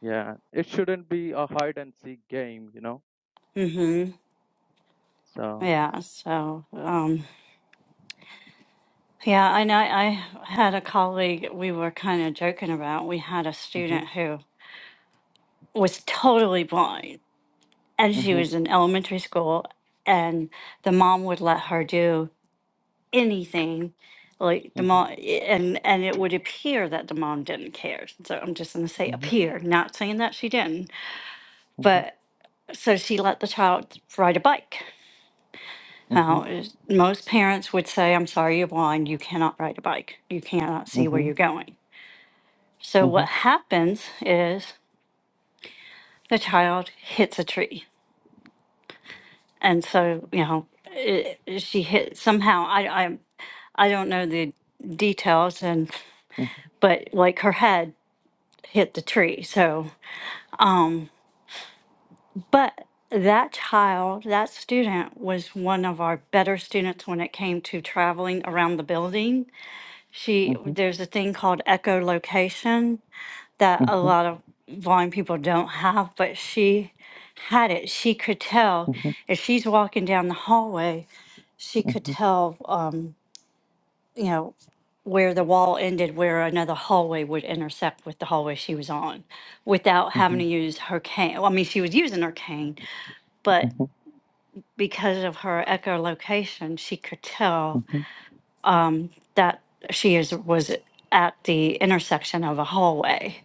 [SPEAKER 2] yeah. It shouldn't be a hide and seek game, you know.
[SPEAKER 1] mm-hmm
[SPEAKER 2] So
[SPEAKER 1] yeah so um yeah and i i had a colleague we were kind of joking about we had a
[SPEAKER 2] mhm,
[SPEAKER 1] student who was totally blind and she
[SPEAKER 2] mhm,
[SPEAKER 1] was in elementary school and the mom would let her do anything like the
[SPEAKER 2] mhm,
[SPEAKER 1] mom and and it would appear that the mom didn't care so i'm just going to say
[SPEAKER 2] mhm,
[SPEAKER 1] appear not saying that she didn't
[SPEAKER 2] mhm,
[SPEAKER 1] but so she let the child ride a bike now
[SPEAKER 2] mhm,
[SPEAKER 1] is- most parents would say i'm sorry you're blind you cannot ride a bike you cannot see where you're
[SPEAKER 2] mhm, mhm,
[SPEAKER 1] going so what
[SPEAKER 2] mhm,
[SPEAKER 1] happens is the child hits a tree and so you know it, she hit somehow I, I i don't know the details and
[SPEAKER 2] mhm,
[SPEAKER 1] but like her head hit the tree so um but that child that student was one of our better students when it came to traveling around the building
[SPEAKER 2] mhm,
[SPEAKER 1] she
[SPEAKER 2] mhm, mhm,
[SPEAKER 1] there's a thing called echolocation that a lot of blind people don't have, but she had it. She could tell if she's walking down the hallway, she could tell, um, you know, where the wall ended, where another hallway would intersect with the hallway she was on without having
[SPEAKER 2] mhm,
[SPEAKER 1] to use her cane. Well, I mean, she was using her cane, but because of her echolocation, she could tell
[SPEAKER 2] mhm, mhm,
[SPEAKER 1] um, that she is was at the intersection of a hallway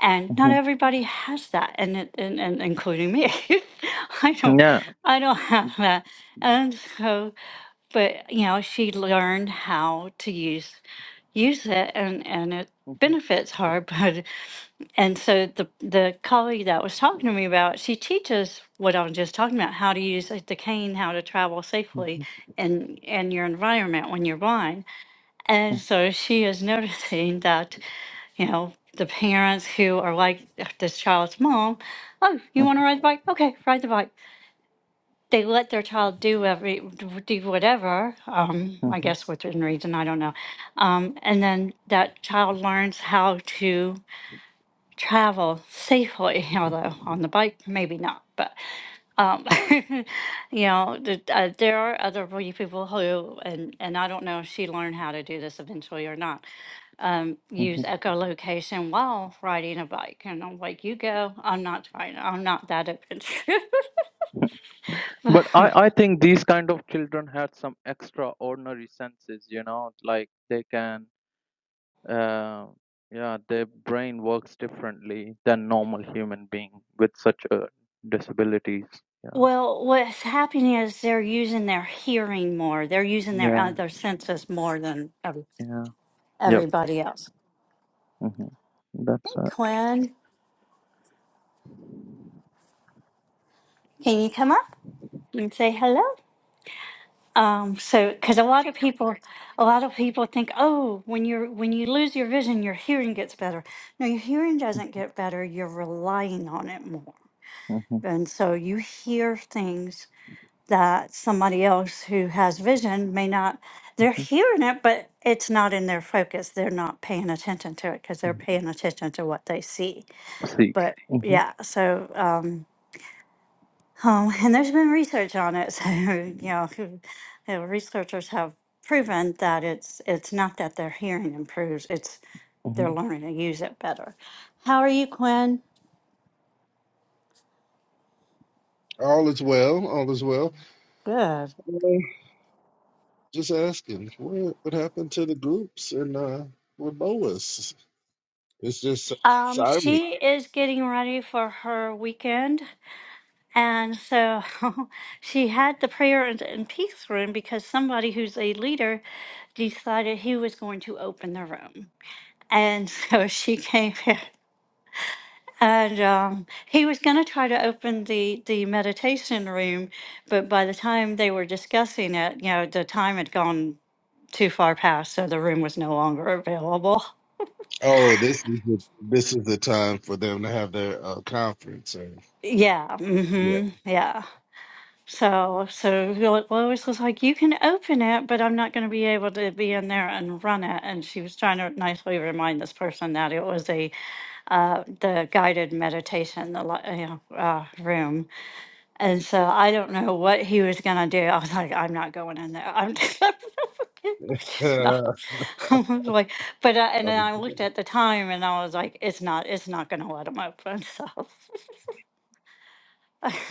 [SPEAKER 1] and not
[SPEAKER 2] mhm.
[SPEAKER 1] everybody has that and it, and, and including me i don't
[SPEAKER 2] yeah.
[SPEAKER 1] i don't have that and so but you know she learned how to use use it and and it
[SPEAKER 2] Mhm,
[SPEAKER 1] benefits her but and so the the colleague that was talking to me about she teaches what i was just talking about how to use like, the cane how to travel safely
[SPEAKER 2] mhm,
[SPEAKER 1] in in your environment when you're blind
[SPEAKER 2] mhm,
[SPEAKER 1] and so she is noticing that, you know, the parents who are like this child's mom, oh, you
[SPEAKER 2] mhm,
[SPEAKER 1] want to ride the bike? Okay, ride the bike. They let their child do every do whatever. Um, I
[SPEAKER 2] mhm,
[SPEAKER 1] guess within reason, I don't know. Um, and then that child learns how to travel safely, although on the bike, maybe not. But, um, you know, th- uh, there are other wee people who, and, and I don't know if she learned how to do this eventually or not, um, use
[SPEAKER 2] mhm,
[SPEAKER 1] echolocation while riding a bike. And I'm like, you go, I'm not trying, I'm not that open.
[SPEAKER 2] But I, I think these kind of children had some extraordinary senses, you know, like they can, uh, yeah, their brain works differently than normal human being with such a disabilities. Yeah,
[SPEAKER 1] Well, what's happening is they're using their hearing more. They're using their
[SPEAKER 2] yeah,
[SPEAKER 1] other senses more than ev-
[SPEAKER 2] yeah, yep.
[SPEAKER 1] everybody else.
[SPEAKER 2] hmm
[SPEAKER 1] Hey,
[SPEAKER 2] That's it.
[SPEAKER 1] Quinn, can you come up and say hello? Um, so, because a lot of people, a lot of people think, oh, when you're when you lose your vision, your hearing gets better. No, your hearing doesn't get better. You're relying on it more,
[SPEAKER 2] hmm
[SPEAKER 1] and so you hear things that somebody else who has vision may not. They're hearing it, but it's not in their focus. They're not paying attention to it because they're paying attention to what they see.
[SPEAKER 2] See.
[SPEAKER 1] But
[SPEAKER 2] hmm
[SPEAKER 1] yeah, so. Um, um, and there's been research on it. So, you know, who- you researchers have proven that it's it's not that their hearing improves, it's they're learning to use it better. How are you, Quinn?
[SPEAKER 3] All is well. All is well. Uh, Just asking, what what happened to the groups and uh, with Boas? It's just si-,
[SPEAKER 1] Um,
[SPEAKER 3] silent.
[SPEAKER 1] she is getting ready for her weekend. And so she had the prayer and, and peace room because somebody who's a leader decided he was going to open the room. And so she came here. and um, he was going to try to open the the meditation room, but by the time they were discussing it, you know, the time had gone too far past, so the room was no longer available.
[SPEAKER 3] Oh, this is the, this is the time for them to have their uh, conference. And,
[SPEAKER 1] Yeah,
[SPEAKER 3] yeah.
[SPEAKER 1] hmm yeah. So, so Lo- Lois was like, "You can open it, but I'm not going to be able to be in there and run it." And she was trying to nicely remind this person that it was a uh, the guided meditation, the li- you know, uh, room. And so I don't know what he was gonna do. I was like, I'm not going in there. I'm no. I was like, but I, and
[SPEAKER 3] Okay.
[SPEAKER 1] then I looked at the time and I was like, it's not, it's not gonna let him open. So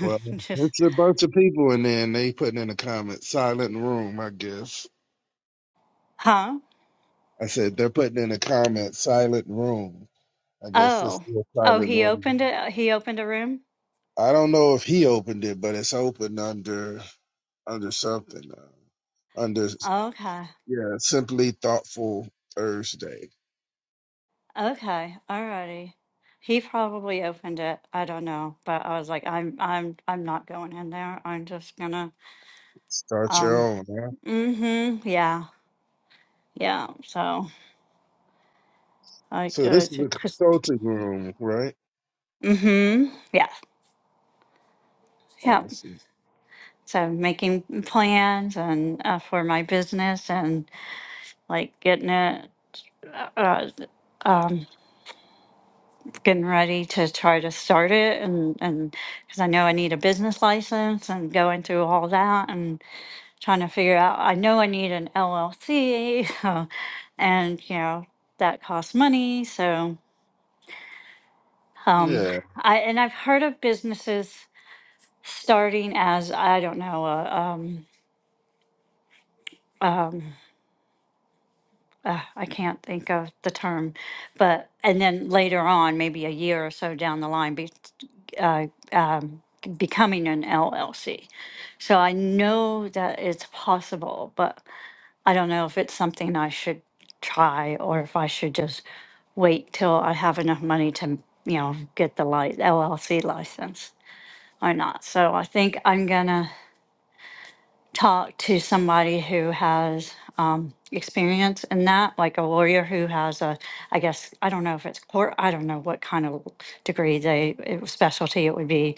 [SPEAKER 3] Well,
[SPEAKER 1] just
[SPEAKER 3] it's a bunch of people in there, and they putting in a comment, silent room. I guess
[SPEAKER 1] huh?
[SPEAKER 3] I said they're putting in a comment, silent room. I guess it's
[SPEAKER 1] Oh,
[SPEAKER 3] still
[SPEAKER 1] oh,
[SPEAKER 3] silent
[SPEAKER 1] he
[SPEAKER 3] room.
[SPEAKER 1] opened it. He opened a room.
[SPEAKER 3] I don't know if he opened it, but it's open under. under something. Uh, under
[SPEAKER 1] Okay,
[SPEAKER 3] yeah, simply thoughtful Thursday.
[SPEAKER 1] okay, alrighty. He probably opened it. I don't know, but I was like, I'm, I'm, I'm not going in there. I'm just gonna,
[SPEAKER 3] Start your
[SPEAKER 1] um,
[SPEAKER 3] own. Huh?
[SPEAKER 1] mm-hmm, yeah, yeah. So. I
[SPEAKER 3] So this
[SPEAKER 1] guess
[SPEAKER 3] is
[SPEAKER 1] it
[SPEAKER 3] a
[SPEAKER 1] just.
[SPEAKER 3] consulting room, right?
[SPEAKER 1] Mm-hmm. Yeah. Yeah.
[SPEAKER 3] Awesome.
[SPEAKER 1] So making plans and uh, for my business and like getting it, uh, uh, getting ready to try to start it and and because I know I need a business license and going through all that and trying to figure out. I know I need an LLC, and you know that costs money. So, um,
[SPEAKER 3] Yeah.
[SPEAKER 1] I and I've heard of businesses starting as I don't know a um, I can't think of the term, but, and then later on, maybe a year or so down the line, be, uh, um, becoming an LLC. So I know that it's possible, but I don't know if it's something I should try or if I should just wait till I have enough money to, you know, get the li- LLC license or not. So I think I'm gonna talk to somebody who has um, experience in that, like a lawyer who has a, I guess, I don't know if it's court, I don't know what kind of degree they, it- specialty it would be,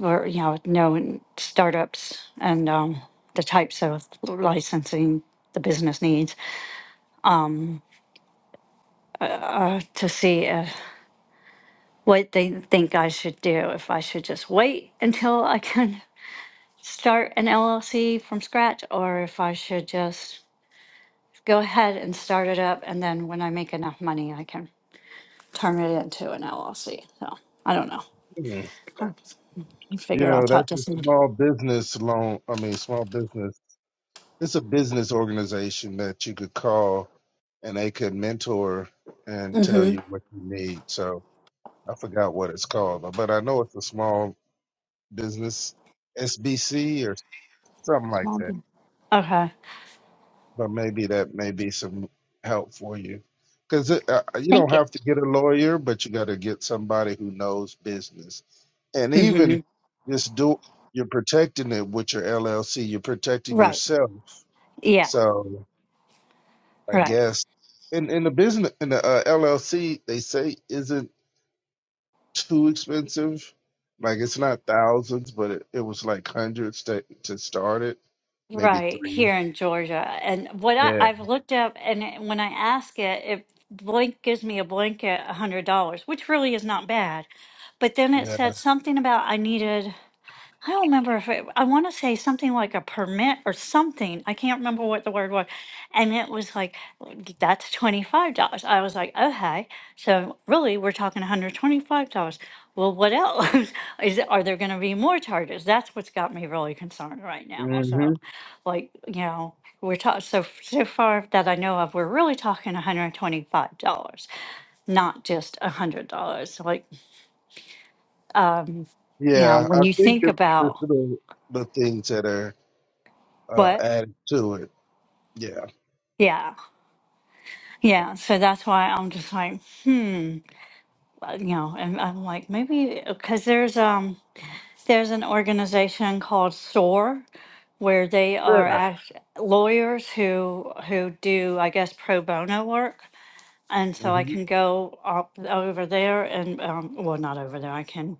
[SPEAKER 1] or, you know, knowing startups and um, the types of licensing the business needs to see if, what they think I should do, if I should just wait until I can start an LLC from scratch, or if I should just go ahead and start it up, and then when I make enough money, I can turn it into an LLC. So I don't know.
[SPEAKER 3] Mhm.
[SPEAKER 1] I
[SPEAKER 3] You
[SPEAKER 1] figure I'll
[SPEAKER 3] know
[SPEAKER 1] talk
[SPEAKER 3] that's
[SPEAKER 1] to
[SPEAKER 3] a
[SPEAKER 1] someone.
[SPEAKER 3] small business loan. I mean, small business. It's a business organization that you could call and they could mentor and tell
[SPEAKER 1] Mm-hmm.
[SPEAKER 3] you what you need. So I forgot what it's called, but I know it's a small business SBC or something like that.
[SPEAKER 1] Okay.
[SPEAKER 3] but maybe that may be some help for you because uh, you don't
[SPEAKER 1] Thank you.
[SPEAKER 3] have to get a lawyer but you got to get somebody who knows business and even
[SPEAKER 1] Mm-hmm.
[SPEAKER 3] just do you're protecting it with your llc you're protecting
[SPEAKER 1] Right.
[SPEAKER 3] yourself
[SPEAKER 1] Yeah.
[SPEAKER 3] so i
[SPEAKER 1] Right.
[SPEAKER 3] guess in in the business in the uh, llc they say isn't too expensive like it's not thousands but it, it was like hundreds to, to start it maybe
[SPEAKER 1] Right
[SPEAKER 3] three
[SPEAKER 1] here in Georgia. And what I,
[SPEAKER 3] yeah
[SPEAKER 1] I've looked up, and it- when I ask it, it blank gives me a blanket $100, which really is not bad. But then it
[SPEAKER 3] yeah
[SPEAKER 1] said something about I needed, I don't remember if it, I want to say something like a permit or something. I can't remember what the word was. And it was like, that's $25. I was like, okay. So really, we're talking $125. Well, what else? Is it, are there going to be more charges? That's what's got me really concerned right now.
[SPEAKER 3] Mhm.
[SPEAKER 1] So, like, you know, we're talking so so far that I know of, we're really talking $125, not just $100. Like, um, you know,
[SPEAKER 3] Yeah, I
[SPEAKER 1] when you
[SPEAKER 3] think
[SPEAKER 1] think
[SPEAKER 3] it's, it's
[SPEAKER 1] about
[SPEAKER 3] the, the things that are uh,
[SPEAKER 1] what,
[SPEAKER 3] added to it. Yeah.
[SPEAKER 1] yeah, yeah. So that's why I'm just like, hmm, uh, you know, and I'm like, maybe because there's um. There's an organization called SOAR where they are
[SPEAKER 3] Yeah.
[SPEAKER 1] act- lawyers who who do, I guess, pro bono work. And so I
[SPEAKER 3] hmm
[SPEAKER 1] can go up over there and um, well, not over there. I can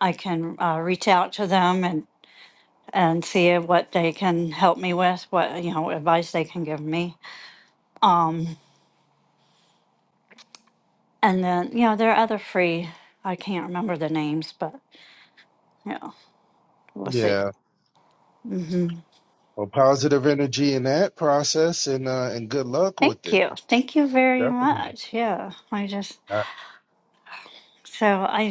[SPEAKER 1] I can uh, reach out to them and and see what they can help me with, what you know advice they can give me. And then you know there are other free. I can't remember the names, but yeah, we'll see.
[SPEAKER 3] Yeah.
[SPEAKER 1] hmm
[SPEAKER 3] Well, positive energy in that process, and uh, and good luck with
[SPEAKER 1] Thank
[SPEAKER 3] it.
[SPEAKER 1] you, thank you very
[SPEAKER 3] Definitely.
[SPEAKER 1] much. Yeah, I just
[SPEAKER 3] Uh,
[SPEAKER 1] So I,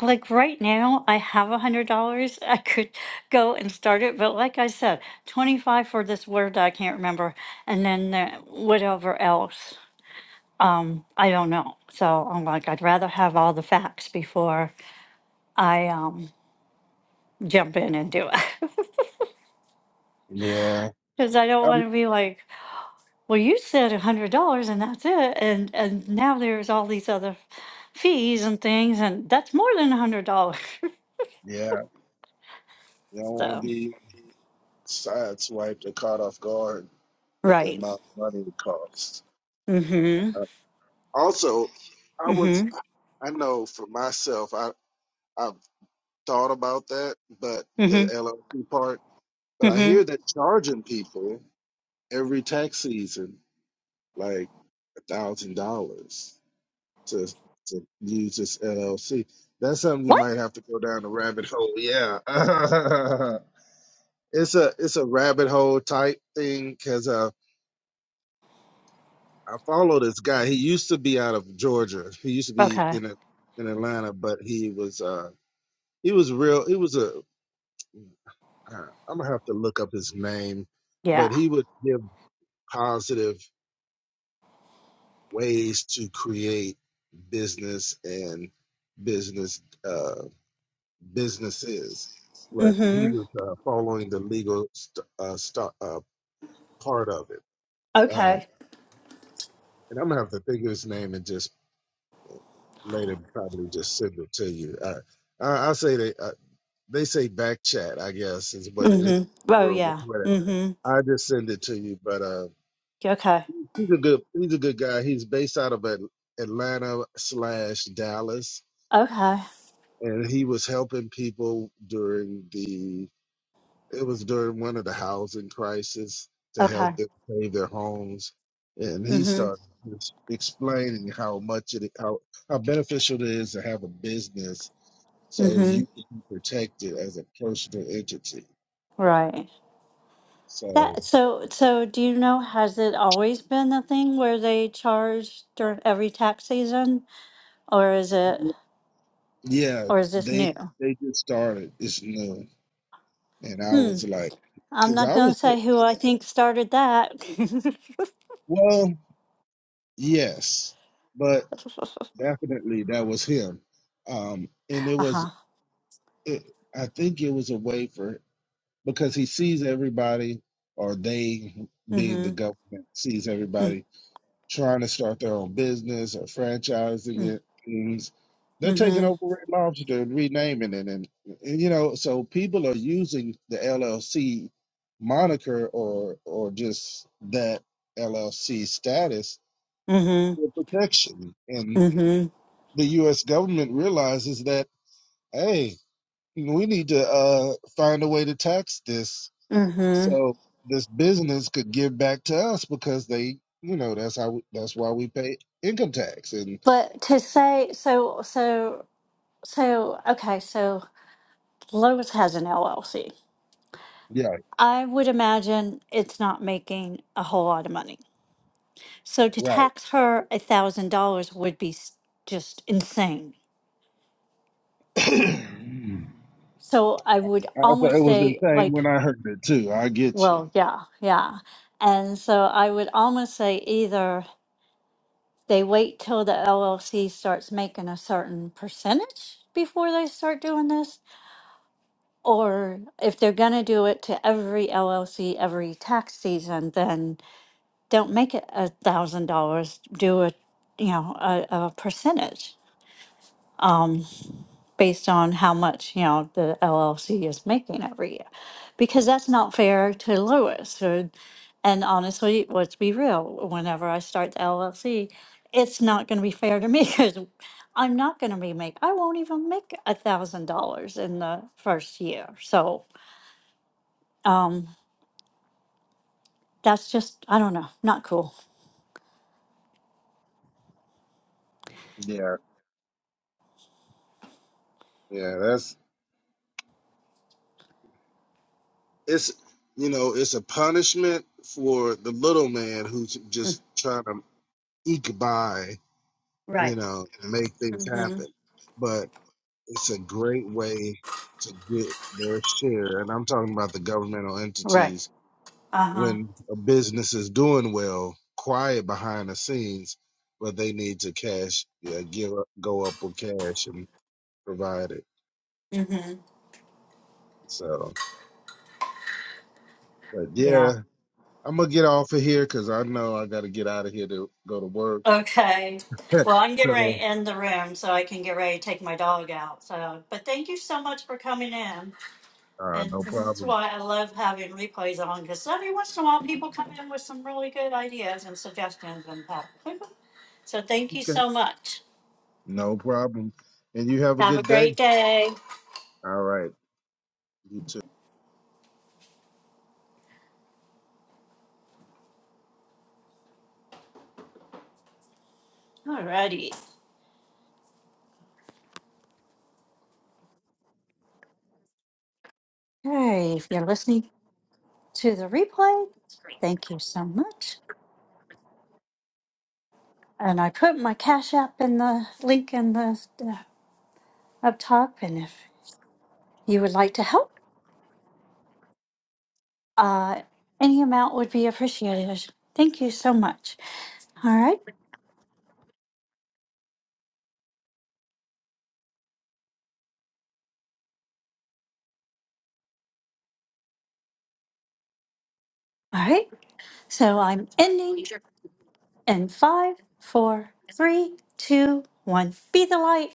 [SPEAKER 1] I like right now I have a hundred dollars. I could go and start it, but like I said, twenty five for this word I can't remember, and then the, whatever else. Um, I don't know. So I'm like, I'd rather have all the facts before I um jump in and do it,
[SPEAKER 3] Yeah.
[SPEAKER 1] because I don't
[SPEAKER 3] Um,
[SPEAKER 1] want to be like, well, you said a hundred dollars and that's it, and and now there's all these other fees and things, and that's more than a hundred dollars.
[SPEAKER 3] yeah. You don't want to
[SPEAKER 1] So
[SPEAKER 3] be sideswiped or caught off guard with the
[SPEAKER 1] right.
[SPEAKER 3] amount of money it costs.
[SPEAKER 1] Mm-hmm.
[SPEAKER 3] Uh, also, I
[SPEAKER 1] Mm-hmm.
[SPEAKER 3] was, I know for myself, I I've thought about that, but the
[SPEAKER 1] Mhm.
[SPEAKER 3] LLC part. But I
[SPEAKER 1] Mhm.
[SPEAKER 3] hear they're charging people every tax season like a thousand dollars to to use this LLC. That's something you might have to go down a rabbit hole. Yeah, it's a it's a rabbit hole type thing because uh, I follow this guy. He used to be out of Georgia. He used to be
[SPEAKER 1] Okay.
[SPEAKER 3] in a, in Atlanta, but he was uh he was real. He was a uh, I'm gonna have to look up his name,
[SPEAKER 1] Yeah.
[SPEAKER 3] but he would give positive. ways to create business and business uh, businesses where he
[SPEAKER 1] Mhm.
[SPEAKER 3] was uh, following the legal st- uh, st- uh, part of it. Uh,
[SPEAKER 1] Okay.
[SPEAKER 3] and I'm gonna have to figure his name and just later probably just send it to you. Uh, I, I say they uh, they say back chat, I guess, is what it
[SPEAKER 1] Mhm. Oh
[SPEAKER 3] or
[SPEAKER 1] yeah.
[SPEAKER 3] whatever.
[SPEAKER 1] Mhm.
[SPEAKER 3] I just send it to you, but uh,
[SPEAKER 1] Okay.
[SPEAKER 3] he's a good he's a good guy. He's based out of At- Atlanta slash Dallas
[SPEAKER 1] Okay.
[SPEAKER 3] and he was helping people during the it was during one of the housing crisis to help
[SPEAKER 1] Okay.
[SPEAKER 3] them save their homes and he
[SPEAKER 1] Mhm.
[SPEAKER 3] started just explaining how much it how, how beneficial it is to have a business so
[SPEAKER 1] Mhm.
[SPEAKER 3] you can be protected as a personal entity
[SPEAKER 1] Right.
[SPEAKER 3] so
[SPEAKER 1] That so so do you know has it always been a thing where they charge during every tax season or is it
[SPEAKER 3] yeah
[SPEAKER 1] or is this
[SPEAKER 3] they
[SPEAKER 1] new?
[SPEAKER 3] they just started it's new and i
[SPEAKER 1] Hmm.
[SPEAKER 3] was like
[SPEAKER 1] I'm
[SPEAKER 3] because
[SPEAKER 1] not
[SPEAKER 3] i
[SPEAKER 1] going
[SPEAKER 3] was
[SPEAKER 1] to say who I think started that.
[SPEAKER 3] well yes but Definitely, that was him. Um, and it was,
[SPEAKER 1] uh-huh.
[SPEAKER 3] it, I think it was a way for because he sees everybody, or they being the
[SPEAKER 1] Mhm.
[SPEAKER 3] government sees
[SPEAKER 1] Mhm.
[SPEAKER 3] everybody trying to start their own business or franchising it. Things they're taking
[SPEAKER 1] Mhm.
[SPEAKER 3] over Red Lobster and renaming it, and, and you know, so people are using the LLC moniker or or just that LLC status
[SPEAKER 1] Mhm.
[SPEAKER 3] for protection, and
[SPEAKER 1] Mhm.
[SPEAKER 3] the U.S. government realizes that. hey, we need to uh, find a way to tax this
[SPEAKER 1] Mhm.
[SPEAKER 3] so this business could give back to us because they, you know, that's how we, that's why we pay income tax. And
[SPEAKER 1] But to say so so so okay, so Lowe's has an LLC.
[SPEAKER 3] yeah,
[SPEAKER 1] I would imagine it's not making a whole lot of money. So to
[SPEAKER 3] right.
[SPEAKER 1] tax her a thousand dollars would be s- just insane.
[SPEAKER 3] I
[SPEAKER 1] So I would
[SPEAKER 3] thought
[SPEAKER 1] almost
[SPEAKER 3] it was
[SPEAKER 1] say
[SPEAKER 3] insane
[SPEAKER 1] like,
[SPEAKER 3] when I heard it too. I get you.
[SPEAKER 1] well, yeah, yeah. And so I would almost say either they wait till the LLC starts making a certain percentage before they start doing this, Or if they're going to do it to every LLC every tax season, then don't make it a thousand dollars. Do a, you know, a, a percentage based on how much, you know, the LLC is making every year. Because that's not fair to Lewis. Or, and honestly, let's be real, whenever I start the LLC, it's not going to be fair to me because I'm not going to be make, I won't even make a thousand dollars in the first year. So, Um, that's just I don't know, not cool.
[SPEAKER 3] Yeah, yeah, that's it's you know it's a punishment for the little man who's
[SPEAKER 1] Mm.
[SPEAKER 3] just trying to eke by,
[SPEAKER 1] Right.
[SPEAKER 3] you know, make things
[SPEAKER 1] Mm-hmm.
[SPEAKER 3] happen. but. it's a great way to get their share. And I'm talking about the governmental
[SPEAKER 1] Right.
[SPEAKER 3] entities
[SPEAKER 1] Uh-huh.
[SPEAKER 3] when a business is doing well, quiet behind the scenes, but they need to cash, yeah, give up, go up with cash and provide it.
[SPEAKER 1] Mm-hmm.
[SPEAKER 3] So, but
[SPEAKER 1] Yeah.
[SPEAKER 3] yeah, I'm gonna get off of here because I know I got to get out of here to go to work.
[SPEAKER 1] Okay. Well, I'm
[SPEAKER 3] So,
[SPEAKER 1] getting ready to end the room so I can get ready to take my dog out. So, but thank you so much for coming in.
[SPEAKER 3] uh,
[SPEAKER 1] And
[SPEAKER 3] no
[SPEAKER 1] that's
[SPEAKER 3] problem.
[SPEAKER 1] why I love having replays on because every once in a while people come in with some really good ideas and suggestions and that. So, thank you
[SPEAKER 3] Okay.
[SPEAKER 1] so much.
[SPEAKER 3] No problem. And you have a
[SPEAKER 1] Have a
[SPEAKER 3] good day.
[SPEAKER 1] great day.
[SPEAKER 3] All right. You too.
[SPEAKER 1] Alrighty. Hey, if you're listening to the replay, thank you so much. And I put my Cash App in the link in the uh, up top. And if you would like to help, uh, any amount would be appreciated. Thank you so much. All right. All right. So I'm ending in five, four, three, two, one. Be the light.